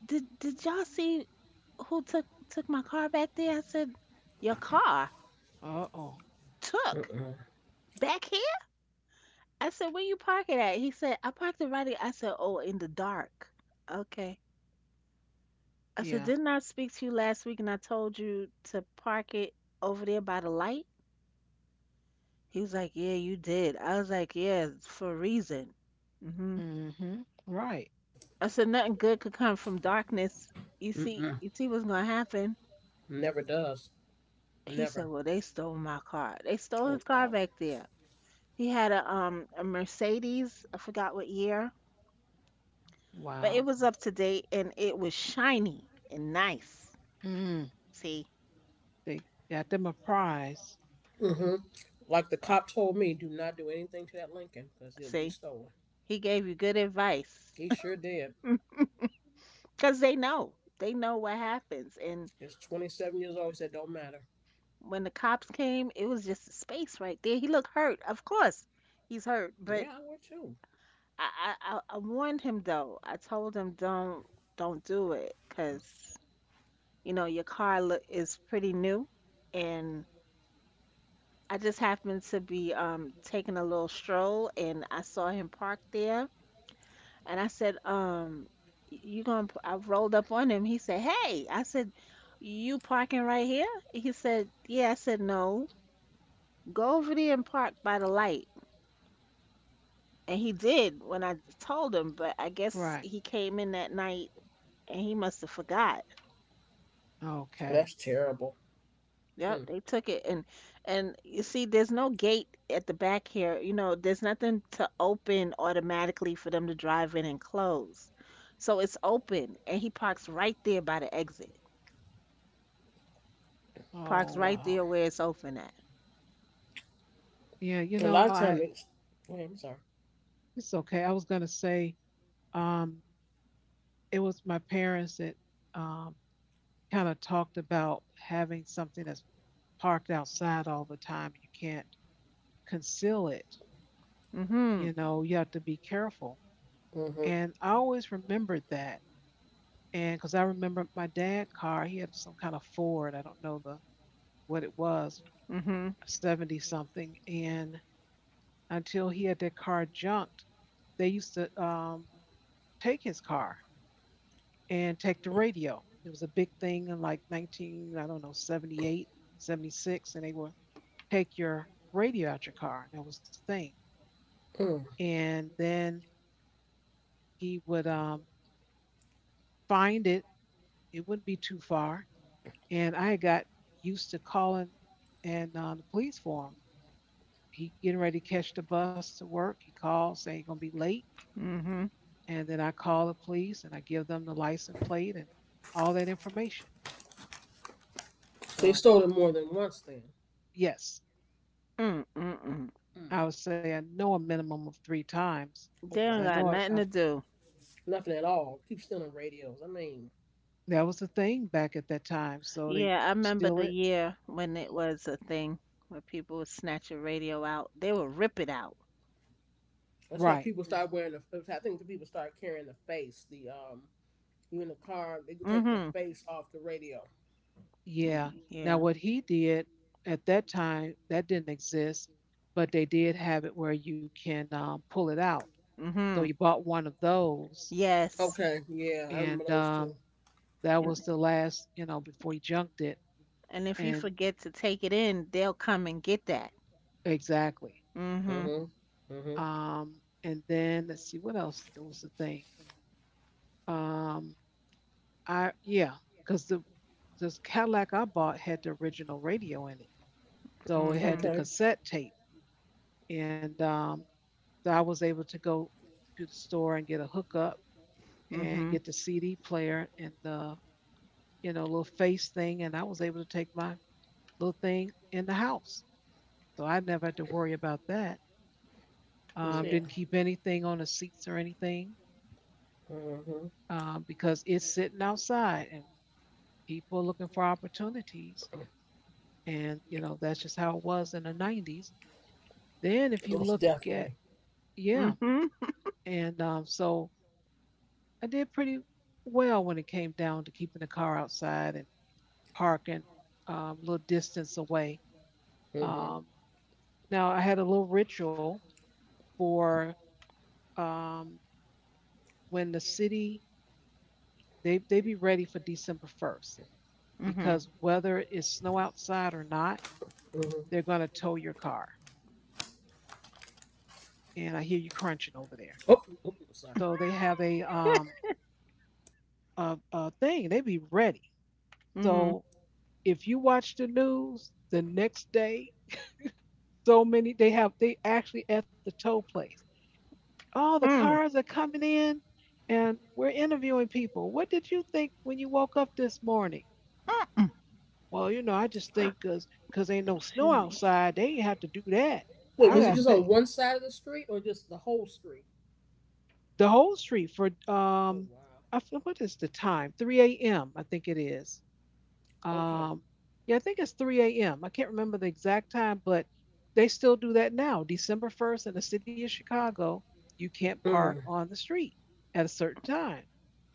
C: did y'all see who took my car back there? I said, your car
A: uh oh.
C: took
B: Mm-mm.
C: back? I said, where you park it at? He said, I parked it right here. I said, oh, in the dark. Okay. I said,
A: Yeah.
C: didn't I speak to you last week and I told you to park it over there by the light? He was like, yeah, you did. I was like, yeah, for a reason. Hmm.
A: Mm-hmm. Right.
C: I said, nothing good could come from darkness.
B: Mm-mm.
C: You see what's gonna happen.
B: Never does.
C: He said,
B: Never.
C: well, they stole my car. They stole his
B: Oh,
C: car
B: wow.
C: back there. He had a a Mercedes. I forgot what year, but it
A: Wow.
C: was up to date and it was shiny and nice.
A: Mm.
C: See,
A: They got them a prize.
B: Mm-hmm. Like the cop told me, do not do anything to that Lincoln because it'll be
C: see,
B: stolen.
C: he gave you good advice
B: He sure did.
C: because they know what happens. And
B: It's 27 years old. He said, don't matter.
C: when the cops came, it was just a space right there. He looked hurt, of course, he's hurt.
B: Yeah,
C: But
B: I would too.
C: I, I warned him though. I told him don't do it because you know your car look is pretty new, and I just happened to be taking a little stroll, and I saw him parked there. And I said, I rolled up on him. He said, hey, I said, you parking right here? He said, yeah. I said, no, go over there and park by the light. And he did when I told him, but I guess
A: Right.
C: he came in that night and he must have forgot.
B: Well, that's
A: Okay.
B: terrible. Mm.
C: Yep, they took it, and you see there's no gate at the back here. You know, there's nothing to open automatically for them to drive in and close. So it's open and he parks right there by the exit. Parks
A: Oh,
C: right
B: Wow.
C: there where it's open at.
A: yeah. You
B: A
A: know,
B: lot of
A: I
B: times. They. Wait, I'm sorry.
A: it's okay. I was gonna say, um, it was my parents that um kind of talked about having something that's parked outside all the time. You can't conceal it. You
C: Mhm.
A: know, you have to be careful.
B: Mm-hmm.
A: And I always remembered that. And because I remember my dad' car, he had some kind of Ford. I don't know the what it was,
C: Mhm.
A: 70 something. And until he had that car junked, they used to take his car and take the radio. It was a big thing in like 19, I don't know, 78, 76, and they would take your radio out your car. That was the thing.
B: Mm.
A: And then he would find it. It wouldn't be too far. And I got used to calling and the police for him. He getting ready to catch the bus to work. He called saying he's gonna be late,
C: Mhm.
A: and then I call the police and I give them the license plate and all that information.
B: They
A: So
B: stole it more than once then.
A: yes,
C: Mm. Mm. Mm.
B: Mm.
A: I would say I know a minimum of three times.
B: Oh
C: They don't
A: So I
C: got
B: wow.
A: know I,
C: nothing to
A: I've
C: do.
B: Nothing at all. Keep stealing radios. I mean,
A: that was the thing back at that time. So they
C: Yeah, I remember
A: steal
C: the
A: it.
C: year when it
A: Mhm.
C: was a thing where people would snatch a radio out. They would rip it out.
B: that's why
A: Right.
B: people start wearing the. I think the people start carrying the face. The You in the car, they could take the
C: Mhm.
B: face off the radio.
A: Yeah.
C: Mm.
A: Now,
C: Yeah.
A: what he did at that time, that didn't exist, but they did have it where you can pull it out. So
C: Mhm.
A: you bought one of those,
C: Yes.
B: Okay. Yeah, I remember
A: and
B: those too.
A: that was
C: And
A: the last, before he junked it.
C: if you
A: And
C: forget to take it in, they'll come and get that.
A: exactly.
C: Mhm.
B: Mm-hmm. Mm-hmm.
A: Um, and then let's see, what else was the thing? Um, I Yeah, because the this Cadillac I bought had the original radio in it, so it
C: Mhm.
A: had the
B: Okay.
A: cassette tape, and so I was able to go to the store and get a hookup and
C: Mhm.
A: get the CD player and the little face thing, and I was able to take my little thing in the house, so I never had to worry about that. Didn't
B: Yeah.
A: keep anything on the seats or anything
B: Mm-hmm.
A: because it's sitting outside and people are looking for opportunities, and you know that's just how it was in the 90s. Then if you
B: Most
A: look at,
B: definitely.
A: yeah,
C: Mhm.
A: and so I did pretty well when it came down to keeping the car outside and parking a little distance away.
B: Mm-hmm.
A: um, Now I had a little ritual for, um, when the city, they be ready for december 1st,
C: Mhm.
A: because whether it's snow outside or not,
B: Mm-hmm.
A: they're going to tow your car. And I hear you crunching over there.
B: Oh, sorry.
A: So they have a thing. They be ready.
C: Mhm.
A: So if you watch the news the next day, so many, they have, they actually at the tow place. All the
C: Mm.
A: cars are coming in, and we're interviewing people. What did you think when you woke up this morning?
C: Mm.
A: Well, you know, I just think 'cause ain't no snow
C: Excuse me.
A: outside, they ain't have to do that.
B: Wait,
A: I
B: was it
A: got
C: Mm.
B: just on
A: paid
B: one side of the street or just the whole street?
A: the whole street for,
B: Oh wow.
A: I f- what is the time? 3 a.m. I think it is.
B: Okay.
A: Um, yeah, I think it's 3 a.m. I can't remember the exact time, but they still do that now. December 1st in the city of Chicago, you can't park
B: Mm,
A: on the street at a certain time,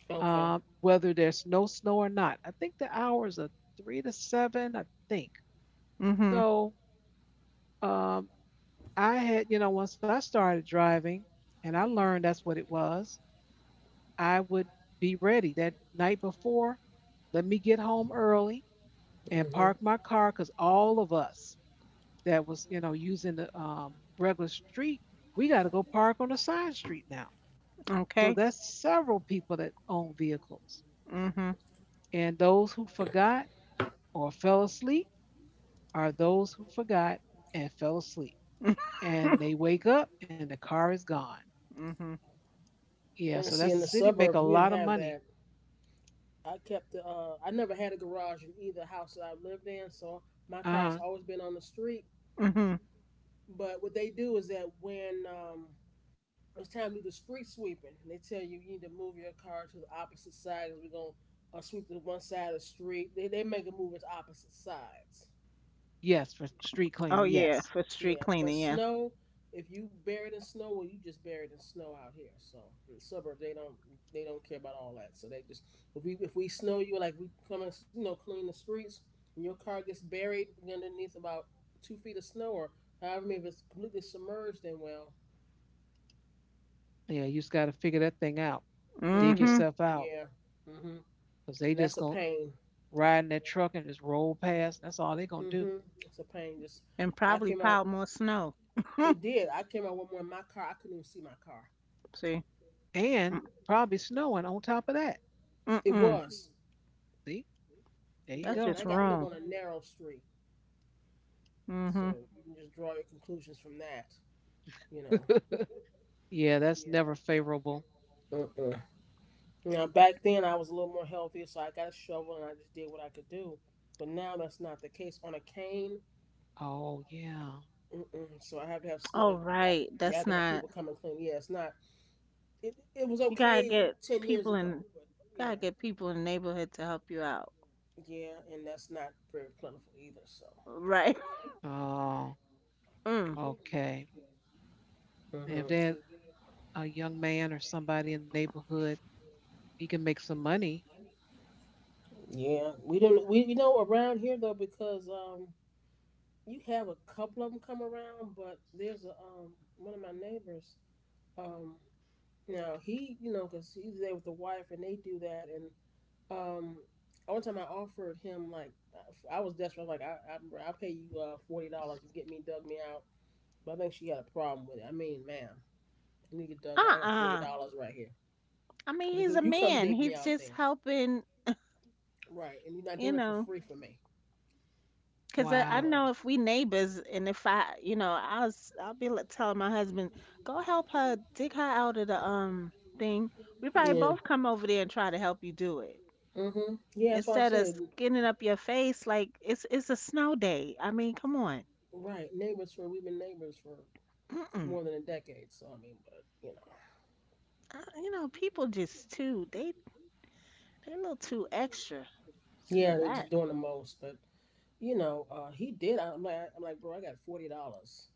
B: Okay.
A: whether there's no snow or not. I think the hours are 3 to 7, I think.
C: Mhm.
A: So, um, I had, you know, once I started driving and I learned that's what it was, I would be ready that night before. Let me get home early and park
B: hmm
A: my car, because all of us that was, you know, using the regular street, we got to go park on a side street now. So
C: Okay.
A: that's several people that own vehicles.
C: Mhm.
A: And those who forgot or fell asleep are those who forgot and fell asleep. And they wake up and the car is gone.
C: Mhm.
A: Yeah,
B: And
A: so
B: see,
A: that's
B: in
A: the
B: the
A: city make a
B: suburbs, we didn't
A: lot of
B: have
A: money.
B: that. I kept the. I never had a garage in either house that I lived in, so my car's
A: Uh-huh.
B: always been on the street.
C: Mhm.
B: But what they do is that when it's time to do the street sweeping, they tell you need to move your car to the opposite side because we 'cause we're gonna sweep to one side of the street. They make it move it to opposite sides.
A: Yes, for street
C: Oh
A: cleaning.
C: yeah, for
A: Yes.
C: street
B: Yeah,
C: cleaning,
B: but
C: yeah.
B: snow, if you buried in snow, well, you just buried in snow out here. So in the suburbs, they don't care about all that. So they just if we snow you, like we come and clean the streets and your car gets buried underneath about 2 feet of snow or however many if it's completely submerged, then well,
A: Yeah, you just got to figure that thing out. Dig
B: mm-hmm,
C: Mhm.
A: yourself out,
B: yeah, mm-hmm,
A: because they
B: and
A: just
B: that's a
A: going to
B: pain.
A: ride in that truck and just roll past. That's all they going to do.
B: Mm-hmm, it's a pain. Just
C: And
B: I
C: probably
B: came out.
C: piled more snow.
B: It did. I came out one morning. My car. I couldn't even see my car.
C: See.
A: And
C: Mm.
A: probably snowing on top of that.
B: It
C: Mm-mm.
B: was.
A: See, there
B: It
A: you
C: That's
B: was, and
A: go.
C: just
B: I got live
C: wrong.
B: on a narrow street. So
C: Mhm.
B: you can just draw your conclusions from that, you know.
A: Yeah, that's never favorable.
B: Mm-mm. Now back then I was a little more healthy, so I got a shovel and I just did what I could do. But now that's not the case. On a cane,
A: Oh, yeah.
B: mm-mm. So I have to have uh,
C: Oh
B: I,
C: right.
B: you have
C: That's
B: to have
C: not.
B: people come and clean. Yeah, it's not. It was
C: You gotta
B: okay
C: get
B: 10 years
C: people
B: ago,
C: in.
B: but
C: Gotta
B: yeah,
C: get people in the neighborhood to help you out.
B: yeah, and that's not very plentiful either. So.
C: Right.
A: Oh,
C: Mm.
A: okay. And if
B: Mhm.
A: they're a young man or somebody in the neighborhood, he can make some money.
B: Yeah, we don't we around here though because you have a couple of them come around, but there's a one of my neighbors. Um, Now he, because he's there with the wife and they do that. And um, one time I offered him like I was desperate. I'm like I'll pay you $40 and get me dug me out. But I think she had a problem with it. I mean, ma'am, I need to get dug out. I got forty
C: Uh-uh.
B: dollars right here.
C: I mean,
B: Okay,
C: he's
B: so
C: a
B: you come
C: man.
B: dig me
C: He's
B: out
C: just
B: then,
C: helping.
B: right? And you're not
C: You
B: doing it for
C: know.
B: free for me,
C: Cause I
B: you
A: Wow,
B: know?
C: know if we neighbors, and if I, you know, I'll be like telling my husband, go help her dig her out of the thing. We probably
B: Yeah.
C: both come over there and try to help you do it
B: Mm-hmm. Yeah, that's what I
C: instead of
B: said.
C: skinning up your face like it's a snow day. I mean, come on.
B: Right, neighbors for we've been neighbors for
C: Mm-mm.
B: more than a decade. So I mean, but you know,
C: You know, people just too, they a little too extra. Just
B: yeah, they just
C: relax.
B: doing the most. But he did. I'm like, bro, I got $40.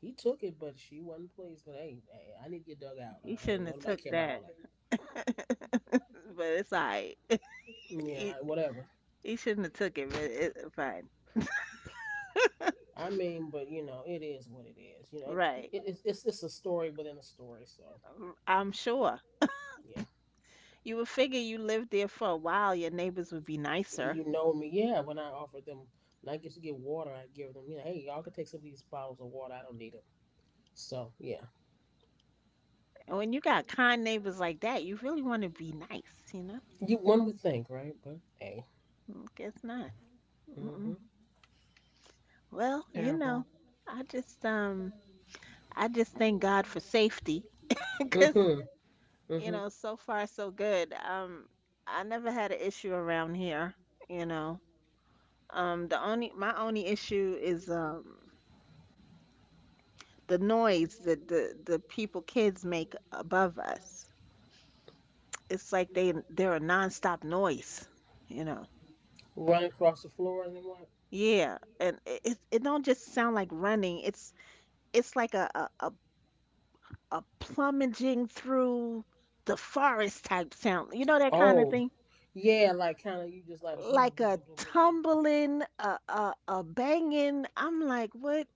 B: He took it, but she wasn't pleased. But hey, hey, I need to get dug out.
C: He
B: I ain't
C: shouldn't have
B: nobody
C: took
B: care about
C: that.
B: all
C: But it's alright.
B: that. Yeah,
C: He,
B: whatever.
C: he shouldn't have took it, but it's fine.
B: I mean, but it is what it is. It,
C: Right.
B: it's a story within a story. So
C: I'm sure.
B: yeah,
C: You would figure you lived there for a while, your neighbors would be nicer.
B: you know me. Yeah, when I offered them, when I get to get water, I give them. Hey, y'all can take some of these bottles of water. I don't need them. So yeah,
C: And when you got kind neighbors like that, you really want to be nice, you know?
B: you one would think, right? But hey,
C: Mm. Guess not.
B: mm-hmm,
C: Mm-mm. Well, you know,
A: terrible.
C: I just um, I just thank God for safety, because
B: mm-hmm,
C: you
B: mm-hmm.
C: know, so far so good. I never had an issue around here, you know. The only My only issue is the noise that the people kids make above us. It's like they're a nonstop noise, you know.
B: Run across the floor and then what?
C: Yeah, and it don't just sound like running. It's like a plummeting through the forest type sound. You know that kind of
B: Oh.
C: thing.
B: Yeah, like kind of you just like boom, boom,
C: Like
B: boom,
C: a
B: boom, boom, boom, boom.
C: tumbling, a banging. I'm like, what?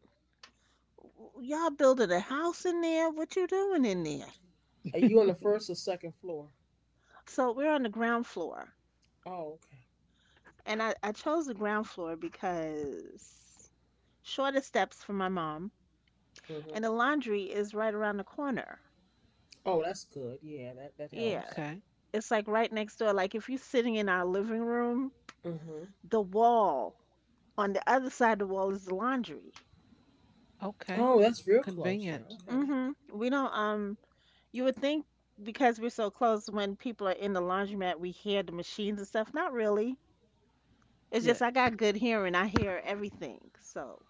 C: Y'all building a house in there? What you doing in there?
B: Are you on the first or second floor?
C: So we're on the ground floor,
B: Oh, okay.
C: and I chose the ground floor because shorter steps for my mom. And
B: Mhm.
C: the laundry is right around the corner.
B: Oh, that's good. Yeah, that
C: Yeah,
B: helps.
A: Okay,
C: it's like right next door. Like if you're sitting in our living room,
B: Mhm.
C: the wall on the other side of the wall is the laundry.
A: okay.
B: Oh, that's real close then.
A: Convenient.
B: Okay.
C: Mhm. We don't You would think because we're so close when people are in the laundromat we hear the machines and stuff. Not really. It's just
A: Good.
C: I got good hearing. I hear everything. So,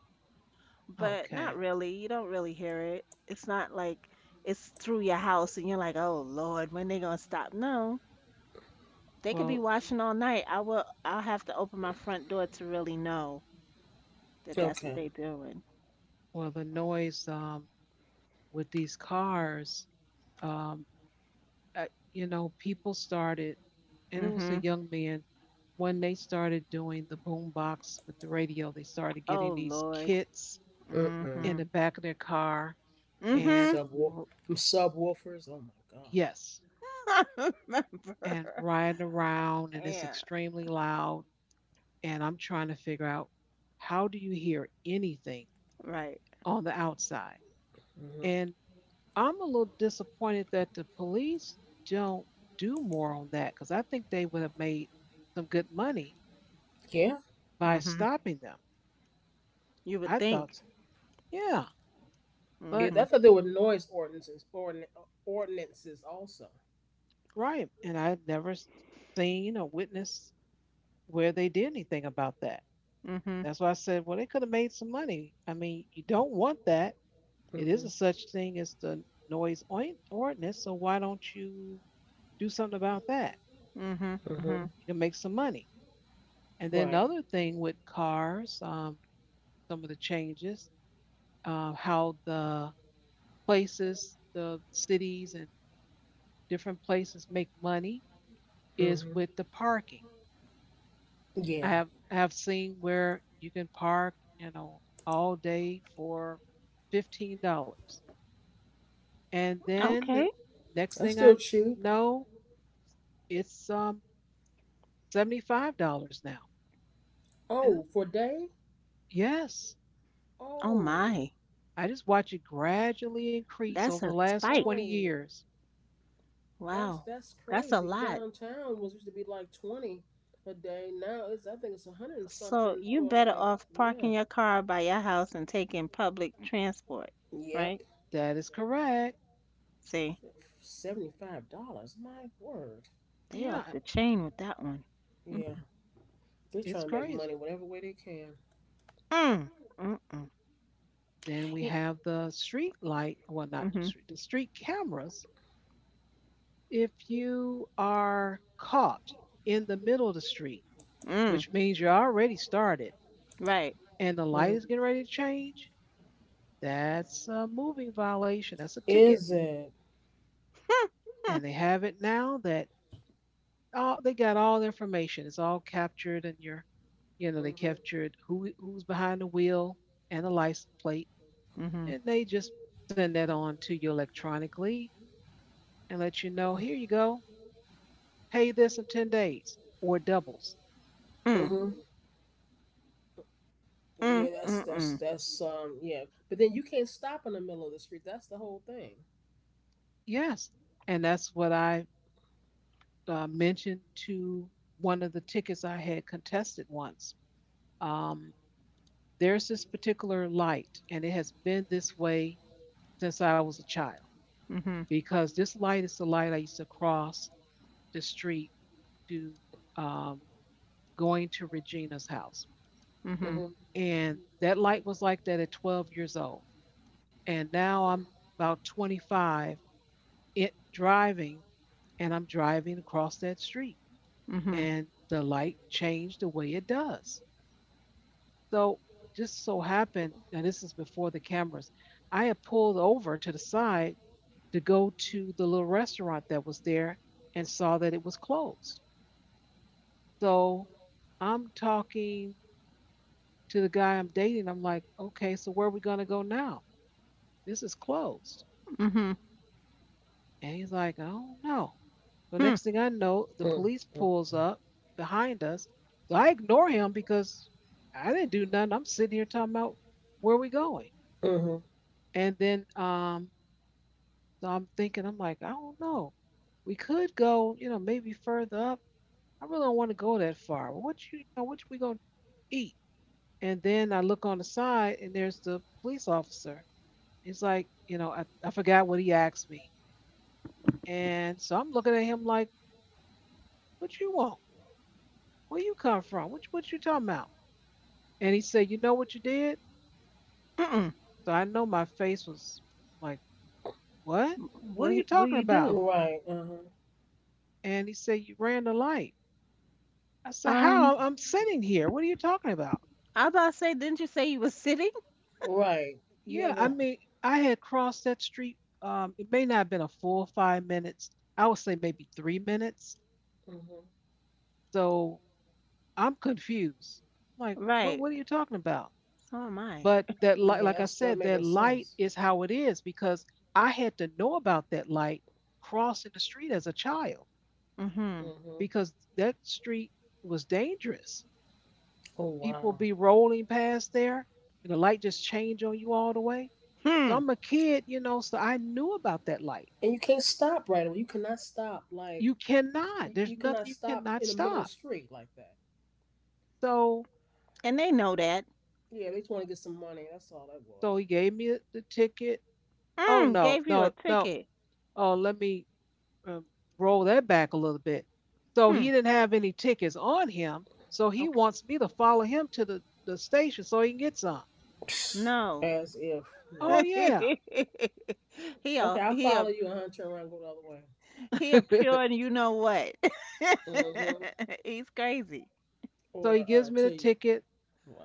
C: but not
A: Okay.
C: really. You don't really hear it. It's not like it's through your house and you're like, "Oh Lord, when they going to stop?" No. They could be
A: Well,
C: washing all night. I will. I'll have to open my front door to really know that that's what
B: Okay.
C: they doing.
A: well, the noise with these cars, um, uh, you know, people started, and it was a
C: Mhm.
A: young man when they started doing the boom box with the radio. They started
C: Oh
A: getting these
C: Lord.
A: kits
B: Mm-mm.
A: in
C: Mhm.
A: the back of their car,
B: Mm,
A: and
C: Mhm.
B: Subwoof.
A: r-
B: Them subwoofers. Oh my god.
A: yes,
C: I
A: and
C: remember.
A: riding around, and it's
C: Yeah.
A: extremely loud. And I'm trying to figure out, how do you hear anything
C: Right.
A: on the outside?
B: Mhm.
A: And I'm a little disappointed that the police don't do more on that, because I think they would have made some good money
B: Yeah.
A: by
C: Mhm.
A: stopping them.
C: You would
A: I thought
C: think.
A: so. Yeah, but
B: Yeah. I
C: Mhm.
B: thought there were noise ordinances also.
A: right. And I've never seen or witnessed where they did anything about that.
C: Mhm.
A: That's why I said, well, they could have made some money. I mean, you don't want that. It is a
B: Mhm.
A: such thing as the ordinance. So why don't you do something about that?
C: Mhm. Mhm.
B: Mhm.
A: You can make some money. And then the
B: Right.
A: other thing with cars, some of the changes, how the places, the cities, and different places make money is
B: Mhm.
A: with the parking.
B: Yeah.
A: I have seen where you can park, you know, all day for $15, and then the
C: Okay.
A: next
B: That's
A: thing
B: still
A: I
B: cheap.
A: know, it's $75 now. And I'm,
B: Oh, for a day.
A: yes,
C: Oh
B: Oh.
C: my.
A: I just watch it gradually increase
C: That's
A: over the
C: a
A: last twenty
C: spike.
B: Oh.
A: years.
B: That's
C: Wow.
B: that's
C: That's a
B: crazy.
C: lot.
B: Downtown was used to be like 20 a day. Now it's I think it's 100 and
C: So
B: something
C: you
B: for
C: better
B: like
C: off
B: yeah.
C: parking your car by your house and taking public transport,
B: Yep.
C: right?
A: That is correct.
C: See.
B: $75. My word.
C: They off
A: Yeah,
C: the chain with that one.
B: Yeah. They're
A: it's
B: trying to make
A: crazy.
B: money whatever way they can.
C: Mm-mm. Mm-mm.
A: Then we
C: Y.
A: have the street light, well, not
C: Mhm.
A: street, the street cameras, if you are caught in the middle of the street,
C: Mm.
A: which means you're already started
C: Right.
A: and the light
B: Mhm.
A: is getting ready to change, that's a moving violation. That's a ticket.
B: Is it?
A: And they have it now that all they got all the information. It's all captured and you're, you know, they
B: Mm-hmm.
A: captured who's behind the wheel and the license plate,
C: Mhm.
A: and they just send that on to you electronically and let you know, here you go, pay this in 10 days or doubles.
C: Mm.
B: Mm-hmm. Yeah,
C: Mm. Mm-mm.
B: that's yeah. But then you can't stop in the middle of the street. That's the whole thing.
A: Yes. And that's what I mention to one of the tickets I had contested once. Um, there's this particular light, and it has been this way since I was a child,
C: Mhm.
A: because this light is the light I used to cross the street to, um, going to Regina's house.
C: Mhm.
B: Mm-hmm.
A: And that light was like that at 12 years old. And now I'm about 25 it, driving, and I'm driving across that street.
C: Mhm. Mhm.
A: And the light changed the way it does. So just so happened, and this is before the cameras, I had pulled over to the side to go to the little restaurant that was there and saw that it was closed. So I'm talking to the guy I'm dating. I'm like, okay, so where are we going to go now? This is closed.
C: Mm. Mm. Mm.
A: And he's like, I don't know. So
C: Hmm.
A: next thing I know, the police
B: Mm-hmm.
A: pulls up behind us. So I ignore him because I didn't do nothing. I'm sitting here talking about where are we going.
B: Mm-hmm.
A: And then so I'm thinking, I'm like, I don't know. We could go, you know, maybe further up. I really don't want to go that far. Well, what you know, what we gonna eat? And then I look on the side, and there's the police officer. He's like, you know, I forgot what he asked me, and so I'm looking at him like, what you want? Where you come from? What you talking about? And he said, you know what you did?
C: Mm. Right. Hmm. Mm. Mm. Mm. Mm. Hmm. Hmm. Hmm. Hmm. Mm. Mm. Mm.
A: So I know my face was like, what? What
C: What
A: are you
C: what do
A: talking
C: you
A: about?
C: do?
B: Right. Uh-huh.
A: And he said, you ran the light. I said,
C: Um,
A: how? I'm sitting here. What are you talking about?
C: I was about to say, didn't you say you was sitting?
B: Right. You
A: Yeah, I
B: haven't.
A: mean, I had crossed that street. It may not have been a full 5 minutes. I would say maybe 3 minutes.
B: Mhm.
A: So I'm confused. I'm like,
C: Right.
A: what are you talking about?
C: So am I.
A: But that light,
B: Yeah,
A: like I
B: that's that
A: said, that
B: making
A: light
B: sense.
A: is how it is, because I had to know about that light crossing the street as a child,
C: Mm-hmm.
B: Hmm
A: because that street was dangerous.
B: Oh
A: People
B: wow!
A: be rolling past there and the light just change on you all the way. So
C: Hmm.
A: I'm a kid, you know, so I knew about that light.
B: And you can't stop right away. You cannot stop like
A: You cannot.
B: you,
A: There's
B: you
A: nothing,
B: cannot
A: you
B: stop
A: cannot
B: in the middle of the
A: stop.
B: street like that.
A: So
C: And they know that.
B: Yeah, they just want to get some money. That's all that
A: he gave me the ticket. Oh
C: Mm.
A: no,
C: Gave you a
A: no, no.
C: ticket.
A: Oh, let me, um, roll that back a little bit. So he
C: Hmm.
A: didn't have any tickets on him. So he
C: Okay.
A: wants me to follow him to the station so he can get some.
B: was.
C: No.
B: As if
A: Oh
B: nope.
A: yeah.
C: he a
B: Okay, I'll
C: he a
B: follow you and I'll turn around and go the other way.
C: He a pure and you know what.
B: Mm-hmm.
C: He's crazy.
A: So he
B: Or
A: gives me the
B: to you.
A: ticket.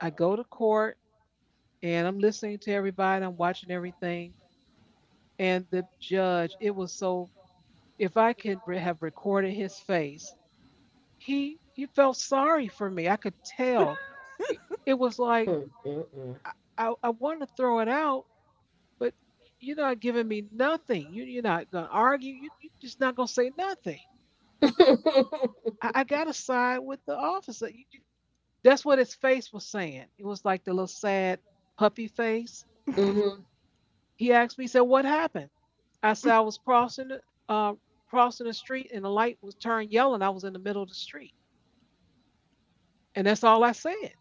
A: I go to court and I'm listening to everybody. I'm watching everything. And the judge, it was so, if I could have recorded his face, he felt sorry for me, I could tell. It it was like,
B: Mm-mm-mm.
A: I I wanna throw it out, but you're not giving me nothing. You, you're not gonna argue, you are just not gonna say nothing. I gotta side with the officer, you, that's what his face was saying. It was like the little sad puppy face.
B: Mm-hmm.
A: He asked me, he said, "What happened?" I said, "I was uh, crossing the street and the light was turned yellow and I was in the middle of the street." And that's all I said.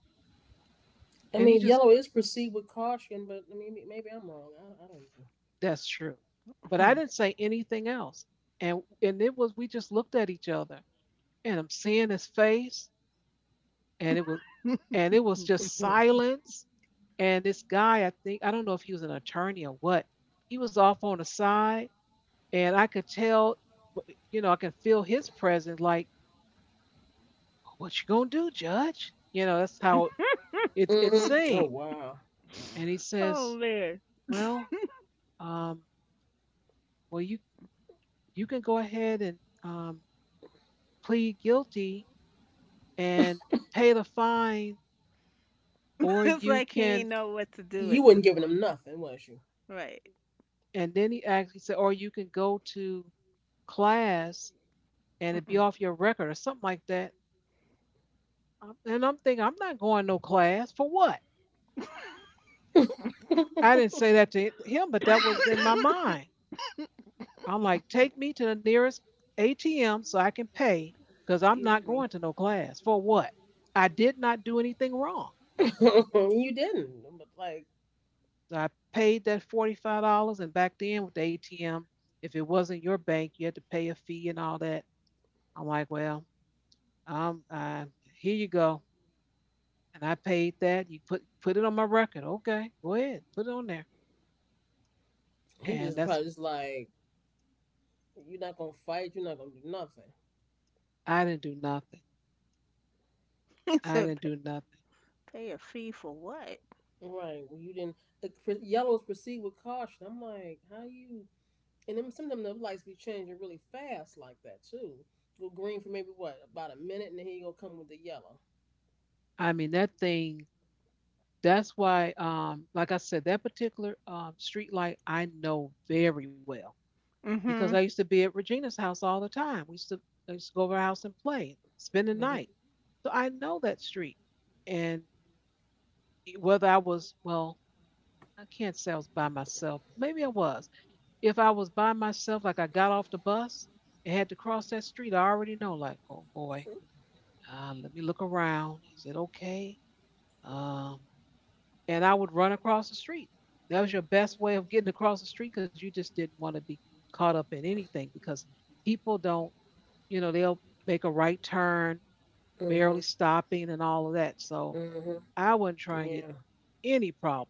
B: I
A: And he
B: mean,
A: just,
B: yellow is perceived with caution, but I mean, maybe I'm wrong. I
A: that's true. But I didn't say anything else. And it was, we just looked at each other, and I'm seeing his face, and it was, and it was
B: don't
A: just
B: know.
A: silence. And this guy, I think, I don't know if he was an attorney or what, he was off on the side, and I could tell, you know, I can feel his presence like, what you gonna do, Judge? You know, that's how it
B: Mm-hmm. Oh
A: seemed.
B: wow, wow.
A: And he
C: Oh
A: says,
C: man.
A: well, um, well you can go ahead and um plead guilty and pay the fine, or
C: It's
A: you
C: like he ain't
A: can.
C: know what to do
B: You
C: at this
B: wasn't giving
C: point.
B: him nothing, was you?
C: Right.
A: And then he actually said, or you can go to class and it be
C: Mm-mm.
A: off your record or something like that. And I'm thinking, I'm not going no class for what? I didn't say that to him, but that was in my mind. I'm like, take me to the nearest ATM so I can pay because I'm not
C: Excuse me.
A: going to no class for what? I did not do anything wrong.
B: You didn't. But like
A: So I paid that $45. And back then with the ATM, if it wasn't your bank, you had to pay a fee and all that. I'm like, well, um, uh, here you go. And I paid that. You put it on my record. Okay, go ahead, put it on there.
B: he
A: And
B: just
A: that's
B: probably just like you're not gonna fight. You're not gonna do nothing.
A: I didn't do nothing.
C: He
A: I
C: said,
A: didn't do nothing.
C: Pay a fee for what?"
B: Right? Well, you didn't. The yellows proceed with caution. I'm like, how you? And then some of them the lights be changing really fast like that too. Go green for maybe what about a minute, and then he gonna come with the yellow.
A: I mean that thing. That's why, like I said, that particular street light I know very well because
C: Mm-hmm.
A: I used to be at Regina's house all the time. We used to I used to go over her house and play, spend the night.
B: Mm-hmm.
A: So I know that street. And whether I was well, I can't say I was by myself. Maybe I was. If I was by myself, like I got off the bus and had to cross that street, I already know, like, oh boy, let me look around. Is it okay? Um, and I would run across the street. That was your best way of getting across the street because you just didn't want to be caught up in anything because people don't, they'll make a right turn,
B: Mm-hmm.
A: barely stopping and all of that. So
B: Mm-hmm.
A: I wasn't trying to get
B: Yeah.
A: any problems.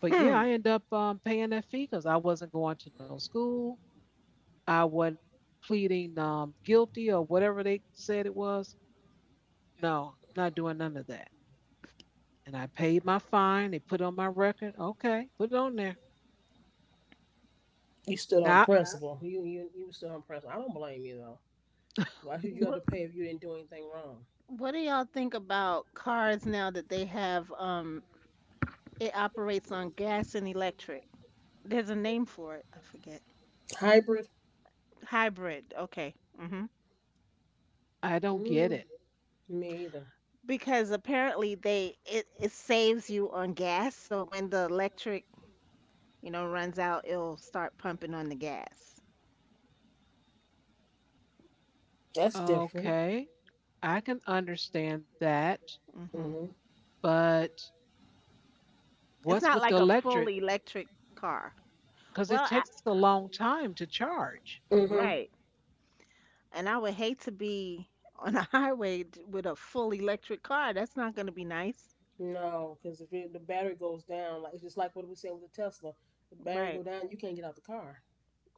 A: But yeah,
C: Hmm.
A: I end up paying that fee because I wasn't going to no school. I wasn't pleading guilty or whatever they said it was. No, I'm not doing none of that. And I paid my fine. They put it on my record. Okay, put it on there.
B: You stood on
A: Now
B: principle. You stood on principle. I don't blame you though. Why should you have
C: What,
B: to pay if you didn't do anything wrong?
C: what do y'all think about cars now that they have, it operates on gas and electric? There's a name for it. I forget.
B: Hybrid.
C: Hybrid. Okay. Mhm.
A: I don't get
B: Mm,
A: it.
B: Me either.
C: Because apparently it saves you on gas, so when the electric, you know, runs out it'll start pumping on the gas.
B: That's different.
A: Okay, I can understand that,
C: Mhm.
B: Hmm
A: but
C: It's
A: what's
C: not
A: with the
C: like a full
A: electric?
C: electric car.
A: Because
C: Well,
A: it
C: I,
A: takes a long time to charge.
B: hmm
C: right. And I would hate to be on a highway with a full electric car. That's not going to be nice.
B: No, because if it, the battery goes down, like it's just like what we said with the Tesla, the battery
C: Right.
B: go down, you can't get out the car.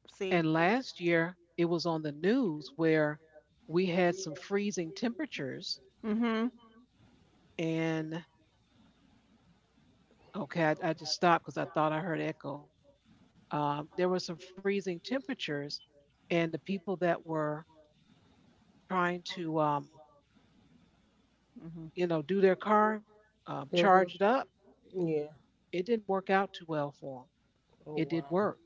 C: See.
A: And last year, it was on the news where we had some freezing temperatures.
C: Mhm.
A: And okay, I just stopped because I thought I heard echo. There were some freezing temperatures, and the people that were trying to,
C: Mhm.
A: do their car,
B: Hmm
A: charge it up,
B: Yeah.
A: it didn't work out too well for them.
B: Oh
A: It did
B: wow.
A: work.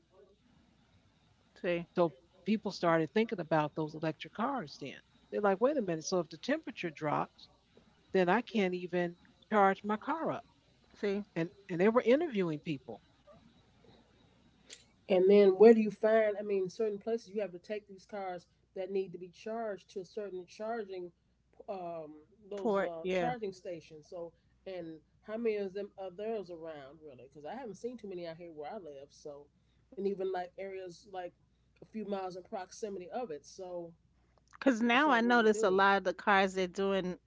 C: See.
A: So people started thinking about those electric cars then. They're like, wait a minute. So if the temperature drops, then I can't even charge my car up.
C: see
A: And they were interviewing people.
B: And then where do you find? I mean, certain places you have to take these cars that need to be charged to a certain charging um those
C: Port, yeah.
B: charging stations. So and how many of them are those around really? Because I haven't seen too many out here where I live. So and even like areas like a few miles in proximity of it. So
C: Cuz
B: it's
C: now I
B: like, what do you
C: notice a
B: do?
C: lot of the cars they're doing.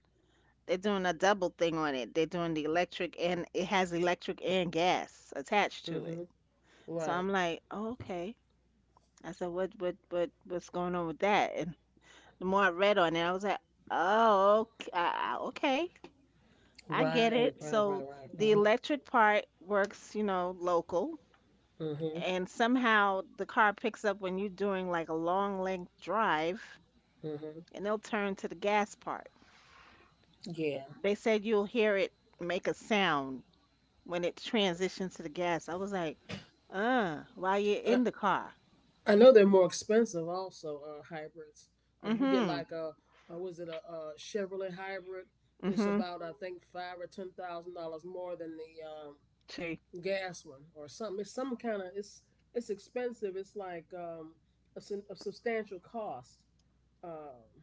C: They're doing a double thing on it. They're doing the electric and it has electric and gas attached to it.
B: Mm-hmm.
C: So
B: Right.
C: I'm like, oh, okay. I said, what's going on with that? And the more I read on it, I was like, oh, okay, okay, I get
B: Right.
C: it.
B: Right. Right.
C: So
B: Right.
C: the
B: Uh-huh.
C: electric part works, you know, local,
B: Mm-hmm.
C: and somehow the car picks up when you're doing like a long length drive,
B: Mm-hmm.
C: and they'll turn to the gas part.
B: Yeah.
C: They said you'll hear it make a sound when it transitioned to the gas. I was like, while you're
B: I,
C: in the car.
B: I know they're more expensive also, hybrids. Like if you get
C: Mm-hmm.
B: like a was it a Chevrolet hybrid, it's
C: Mm-hmm.
B: about I think five or ten thousand dollars more than the
C: See,
B: gas one or something. It's some kind of it's expensive. It's like a, a substantial cost, um,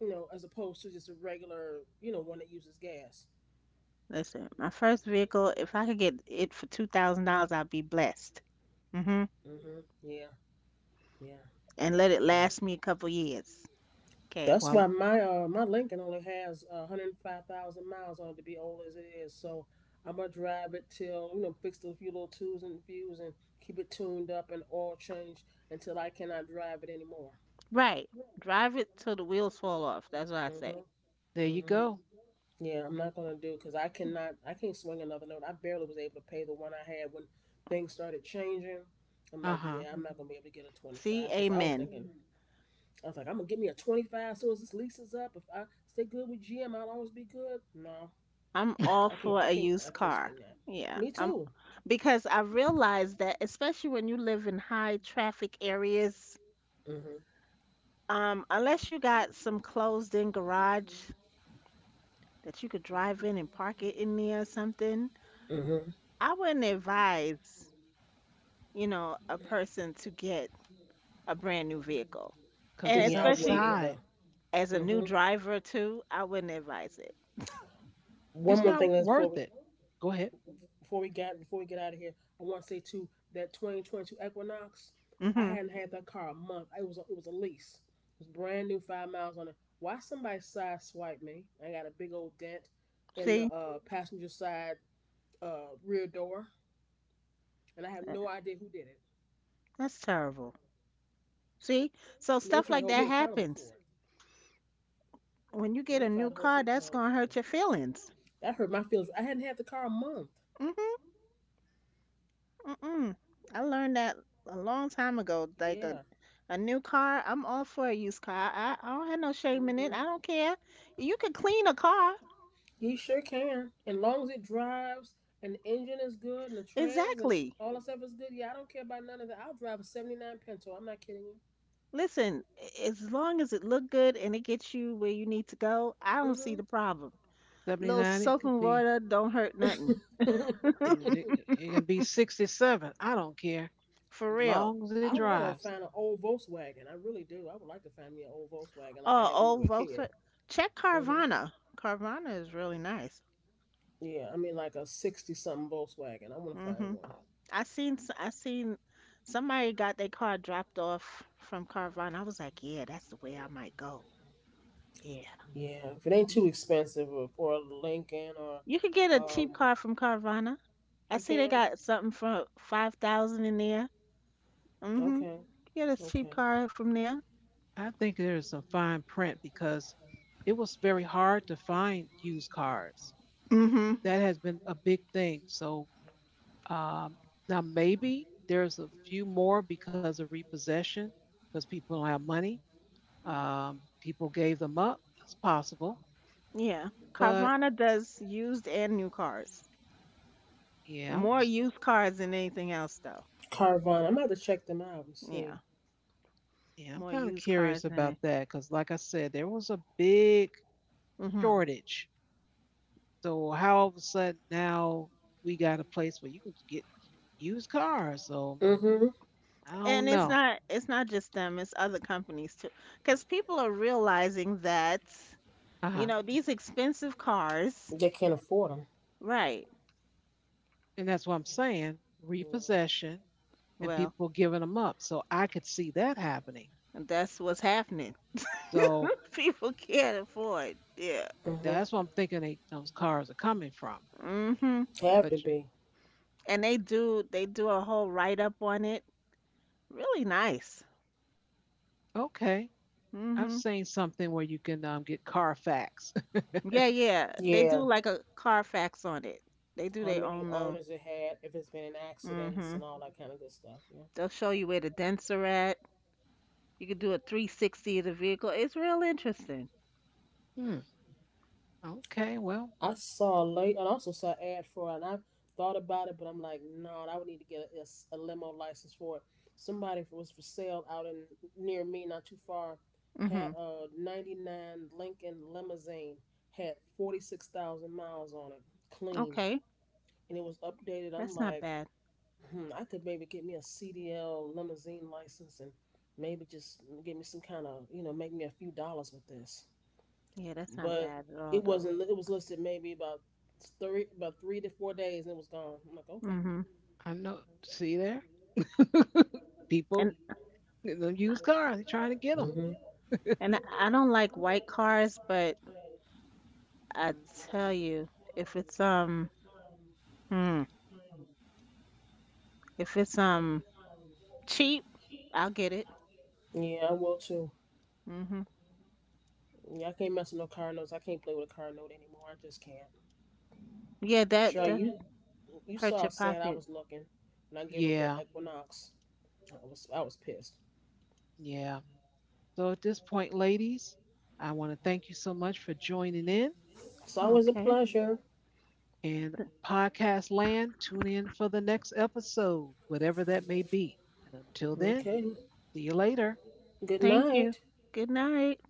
B: you know, as opposed to just a regular, you know, one that uses gas.
C: listen, my first vehicle, if I could get it for $2,000, I'd be blessed. Mm-hmm.
B: Hmm. Yeah, yeah,
C: And let it
B: yeah.
C: last me a couple years. Okay.
B: That's why
A: Well,
B: my my Lincoln only has 105,000 miles on it to be old as it is. So I'm gonna drive it till you know fix a few little twos and views and keep it tuned up and oil changed until I cannot drive it anymore.
C: Right. Drive it till the wheels fall off. That's what I say.
B: Mm-hmm.
A: there you
B: Hmm.
A: go.
B: Yeah, I'm not gonna do because I cannot. I can't swing another note. I barely was able to pay the one I had when things started changing. I'm
A: Uh
B: like,
A: huh.
B: yeah, I'm not gonna be able to get a
C: See,
B: 25 because I was
C: amen.
B: thinking, I was like, I'm gonna give me a 25 as soon as this lease is up. If I stay good with GM, I'll always be good. No,
C: I'm all
B: I can't.
C: for
B: I
C: a
B: can't. I
C: used
B: can't
C: car.
B: swing that.
C: Yeah.
B: Me
C: I'm
B: too.
C: Because I realize that, especially when you live in high traffic areas.
B: Hmm.
C: Unless you got some closed-in garage that you could drive in and park it in there or something,
B: Hmm.
C: I wouldn't advise, you know, a person to get a brand new vehicle.
A: Because
C: And
A: it's
B: Yeah, I wouldn't
C: especially
B: either.
A: outside.
C: as a new
B: Hmm.
C: driver too, I wouldn't advise it.
B: One
A: It's
B: more
A: not
B: thing that's
A: worth it. Go ahead.
B: before we got before we get out of here, I want to say too that 2022 Equinox, I
C: Hmm.
B: hadn't had that car a month. It was a lease. It was brand new, 5 miles on it. Why somebody side swiped me? I got a big old dent in the
C: See?
B: passenger side rear door, and I have
C: Uh,
B: no idea who did it.
C: That's terrible. See? So
B: And they
C: stuff
B: tried to
C: like
B: hold
C: that
B: me accountable
C: happens.
B: for it.
C: When you
B: And
C: get
B: they
C: a
B: tried
C: new
B: to hold me
C: car, that's
B: accountable
C: gonna
B: for
C: hurt your
B: it.
C: feelings.
B: That hurt my feelings. I hadn't had the car a month.
C: Hmm. Mm-mm. I learned that a long time ago.
B: Yeah.
C: A new car, I'm all for a used car. I don't have no shame in it.
B: Hmm.
C: I don't care. You could clean a car.
B: You sure can. And long as it drives and the engine is good and the trans and
C: Exactly.
B: all that stuff is good, yeah, I don't care about none of that. I'll drive a 79 Pinto. I'm not kidding
C: Listen, as long as it look good and it gets you where you need to go, I don't see
B: you.
C: the problem. Little
A: 79, it
C: soap
A: could
C: and
A: be,
C: water don't hurt nothing.
B: Hmm.
A: it, it can be 67. I don't care.
C: For
A: As
C: real.
A: long as it
B: I want to
A: drives.
B: find an old Volkswagen. I really do. I would like to find me an old Volkswagen like I
C: Oh,
B: had when we were
C: old
B: a kid.
C: Volkswagen. Check
B: Hmm.
C: Carvana. Carvana is really nice.
B: Yeah, I mean, like a 60 something Volkswagen. I want to find
C: Hmm.
B: one.
C: I seen somebody got their car dropped off from Carvana. I was like, yeah, that's the way I might go. Yeah,
B: Yeah, if it ain't
C: you,
B: too expensive or a Lincoln or.
C: you could get a cheap
B: um,
C: car from Carvana. I
B: You
C: see they
B: can?
C: got something for 5,000 in there. Mm-hmm.
B: Okay,
C: Get a cheap
B: okay.
C: car from there.
A: I think there is some fine print because it was very hard to find used cars.
C: Mm-hmm.
A: That has been a big thing. So um, now maybe there's a few more because of repossession, because people don't have money. People gave them up. That's possible.
C: Yeah.
A: But
C: Carvana does used and new cars.
A: yeah,
C: More used cars than anything else, though.
B: Carvana. I'm about to check them out and see.
C: Yeah.
A: yeah, I'm
C: More
A: kind of
C: used cars
A: curious
C: than
A: about
C: it.
A: that because, like I said, there was a big
C: Mm-hmm.
A: shortage. So how all of a sudden now we got a place where you can get used cars? So
B: Hmm.
A: I
C: And
A: don't know.
C: it's not just them, it's other companies too. Because people are realizing that,
A: Uh
C: you
A: huh.
C: know, these expensive cars,
B: They can't afford them.
C: right.
A: And that's what I'm saying:
B: Yeah.
A: repossession and
C: Well,
A: people giving them up. So I could see that happening.
C: that's what's happening.
A: So
C: People can't afford. Yeah.
B: Mm-hmm.
A: that's what I'm thinking they, those cars are coming from.
C: Mm-hmm.
B: Have to
A: But
B: be.
C: And they do a whole write up on it. Really nice.
A: okay, I've
C: Mm-hmm.
A: seen something where you can get Carfax.
C: Yeah, yeah. They
B: Yeah.
C: do like a Carfax on it. They do
B: How
C: their
B: many
C: own little
B: owners it had, if it's been in accidents
C: mm-hmm.
B: and all that kind of good stuff. Yeah.
C: They'll show you where the dents are at. You can do a 360 of the vehicle. It's real interesting.
A: hmm. Okay. Well,
B: I also saw an ad for it, and I thought about it, but I'm like, no, I would need to get a limo license for it. Somebody was for sale out in near me, not too far, had
C: Mm-hmm.
B: a '99 Lincoln limousine, had 46,000 miles on it, clean,
C: Okay,
B: and it was updated. I'm
C: that's not
B: like,
C: bad.
B: hmm, I could maybe get me a CDL limousine license and maybe just get me some kind of, you know, make me a few dollars with this.
C: Yeah, that's not
B: But
C: bad at all,
B: it
C: though.
B: wasn't. It was listed maybe about 3 to 4 days, and it was gone. I'm like, okay.
C: Hmm.
A: I know. See there. People,
C: And
A: the used cars, they're trying to get them.
B: Hmm.
C: and I don't like white cars, but I tell you, if it's um, hmm, if it's cheap, I'll get it.
B: Yeah, I will too.
C: Hmm.
B: Yeah, I can't mess with no car notes. I can't play with a car note anymore. I just can't.
C: Yeah, that
B: Sure, you
C: hurt
B: saw
C: your
B: how sad I
C: pocket.
B: was looking when I gave up that
A: Yeah,
B: Equinox. I was pissed.
A: yeah. So at this point, ladies, I want to thank you so much for joining in
B: It's always a
C: Okay,
B: pleasure.
A: and podcast land. Tune in for the next episode, whatever that may be. And until then,
B: Okay.
A: see you later.
B: Good
C: thank you.
B: night.
C: Good night.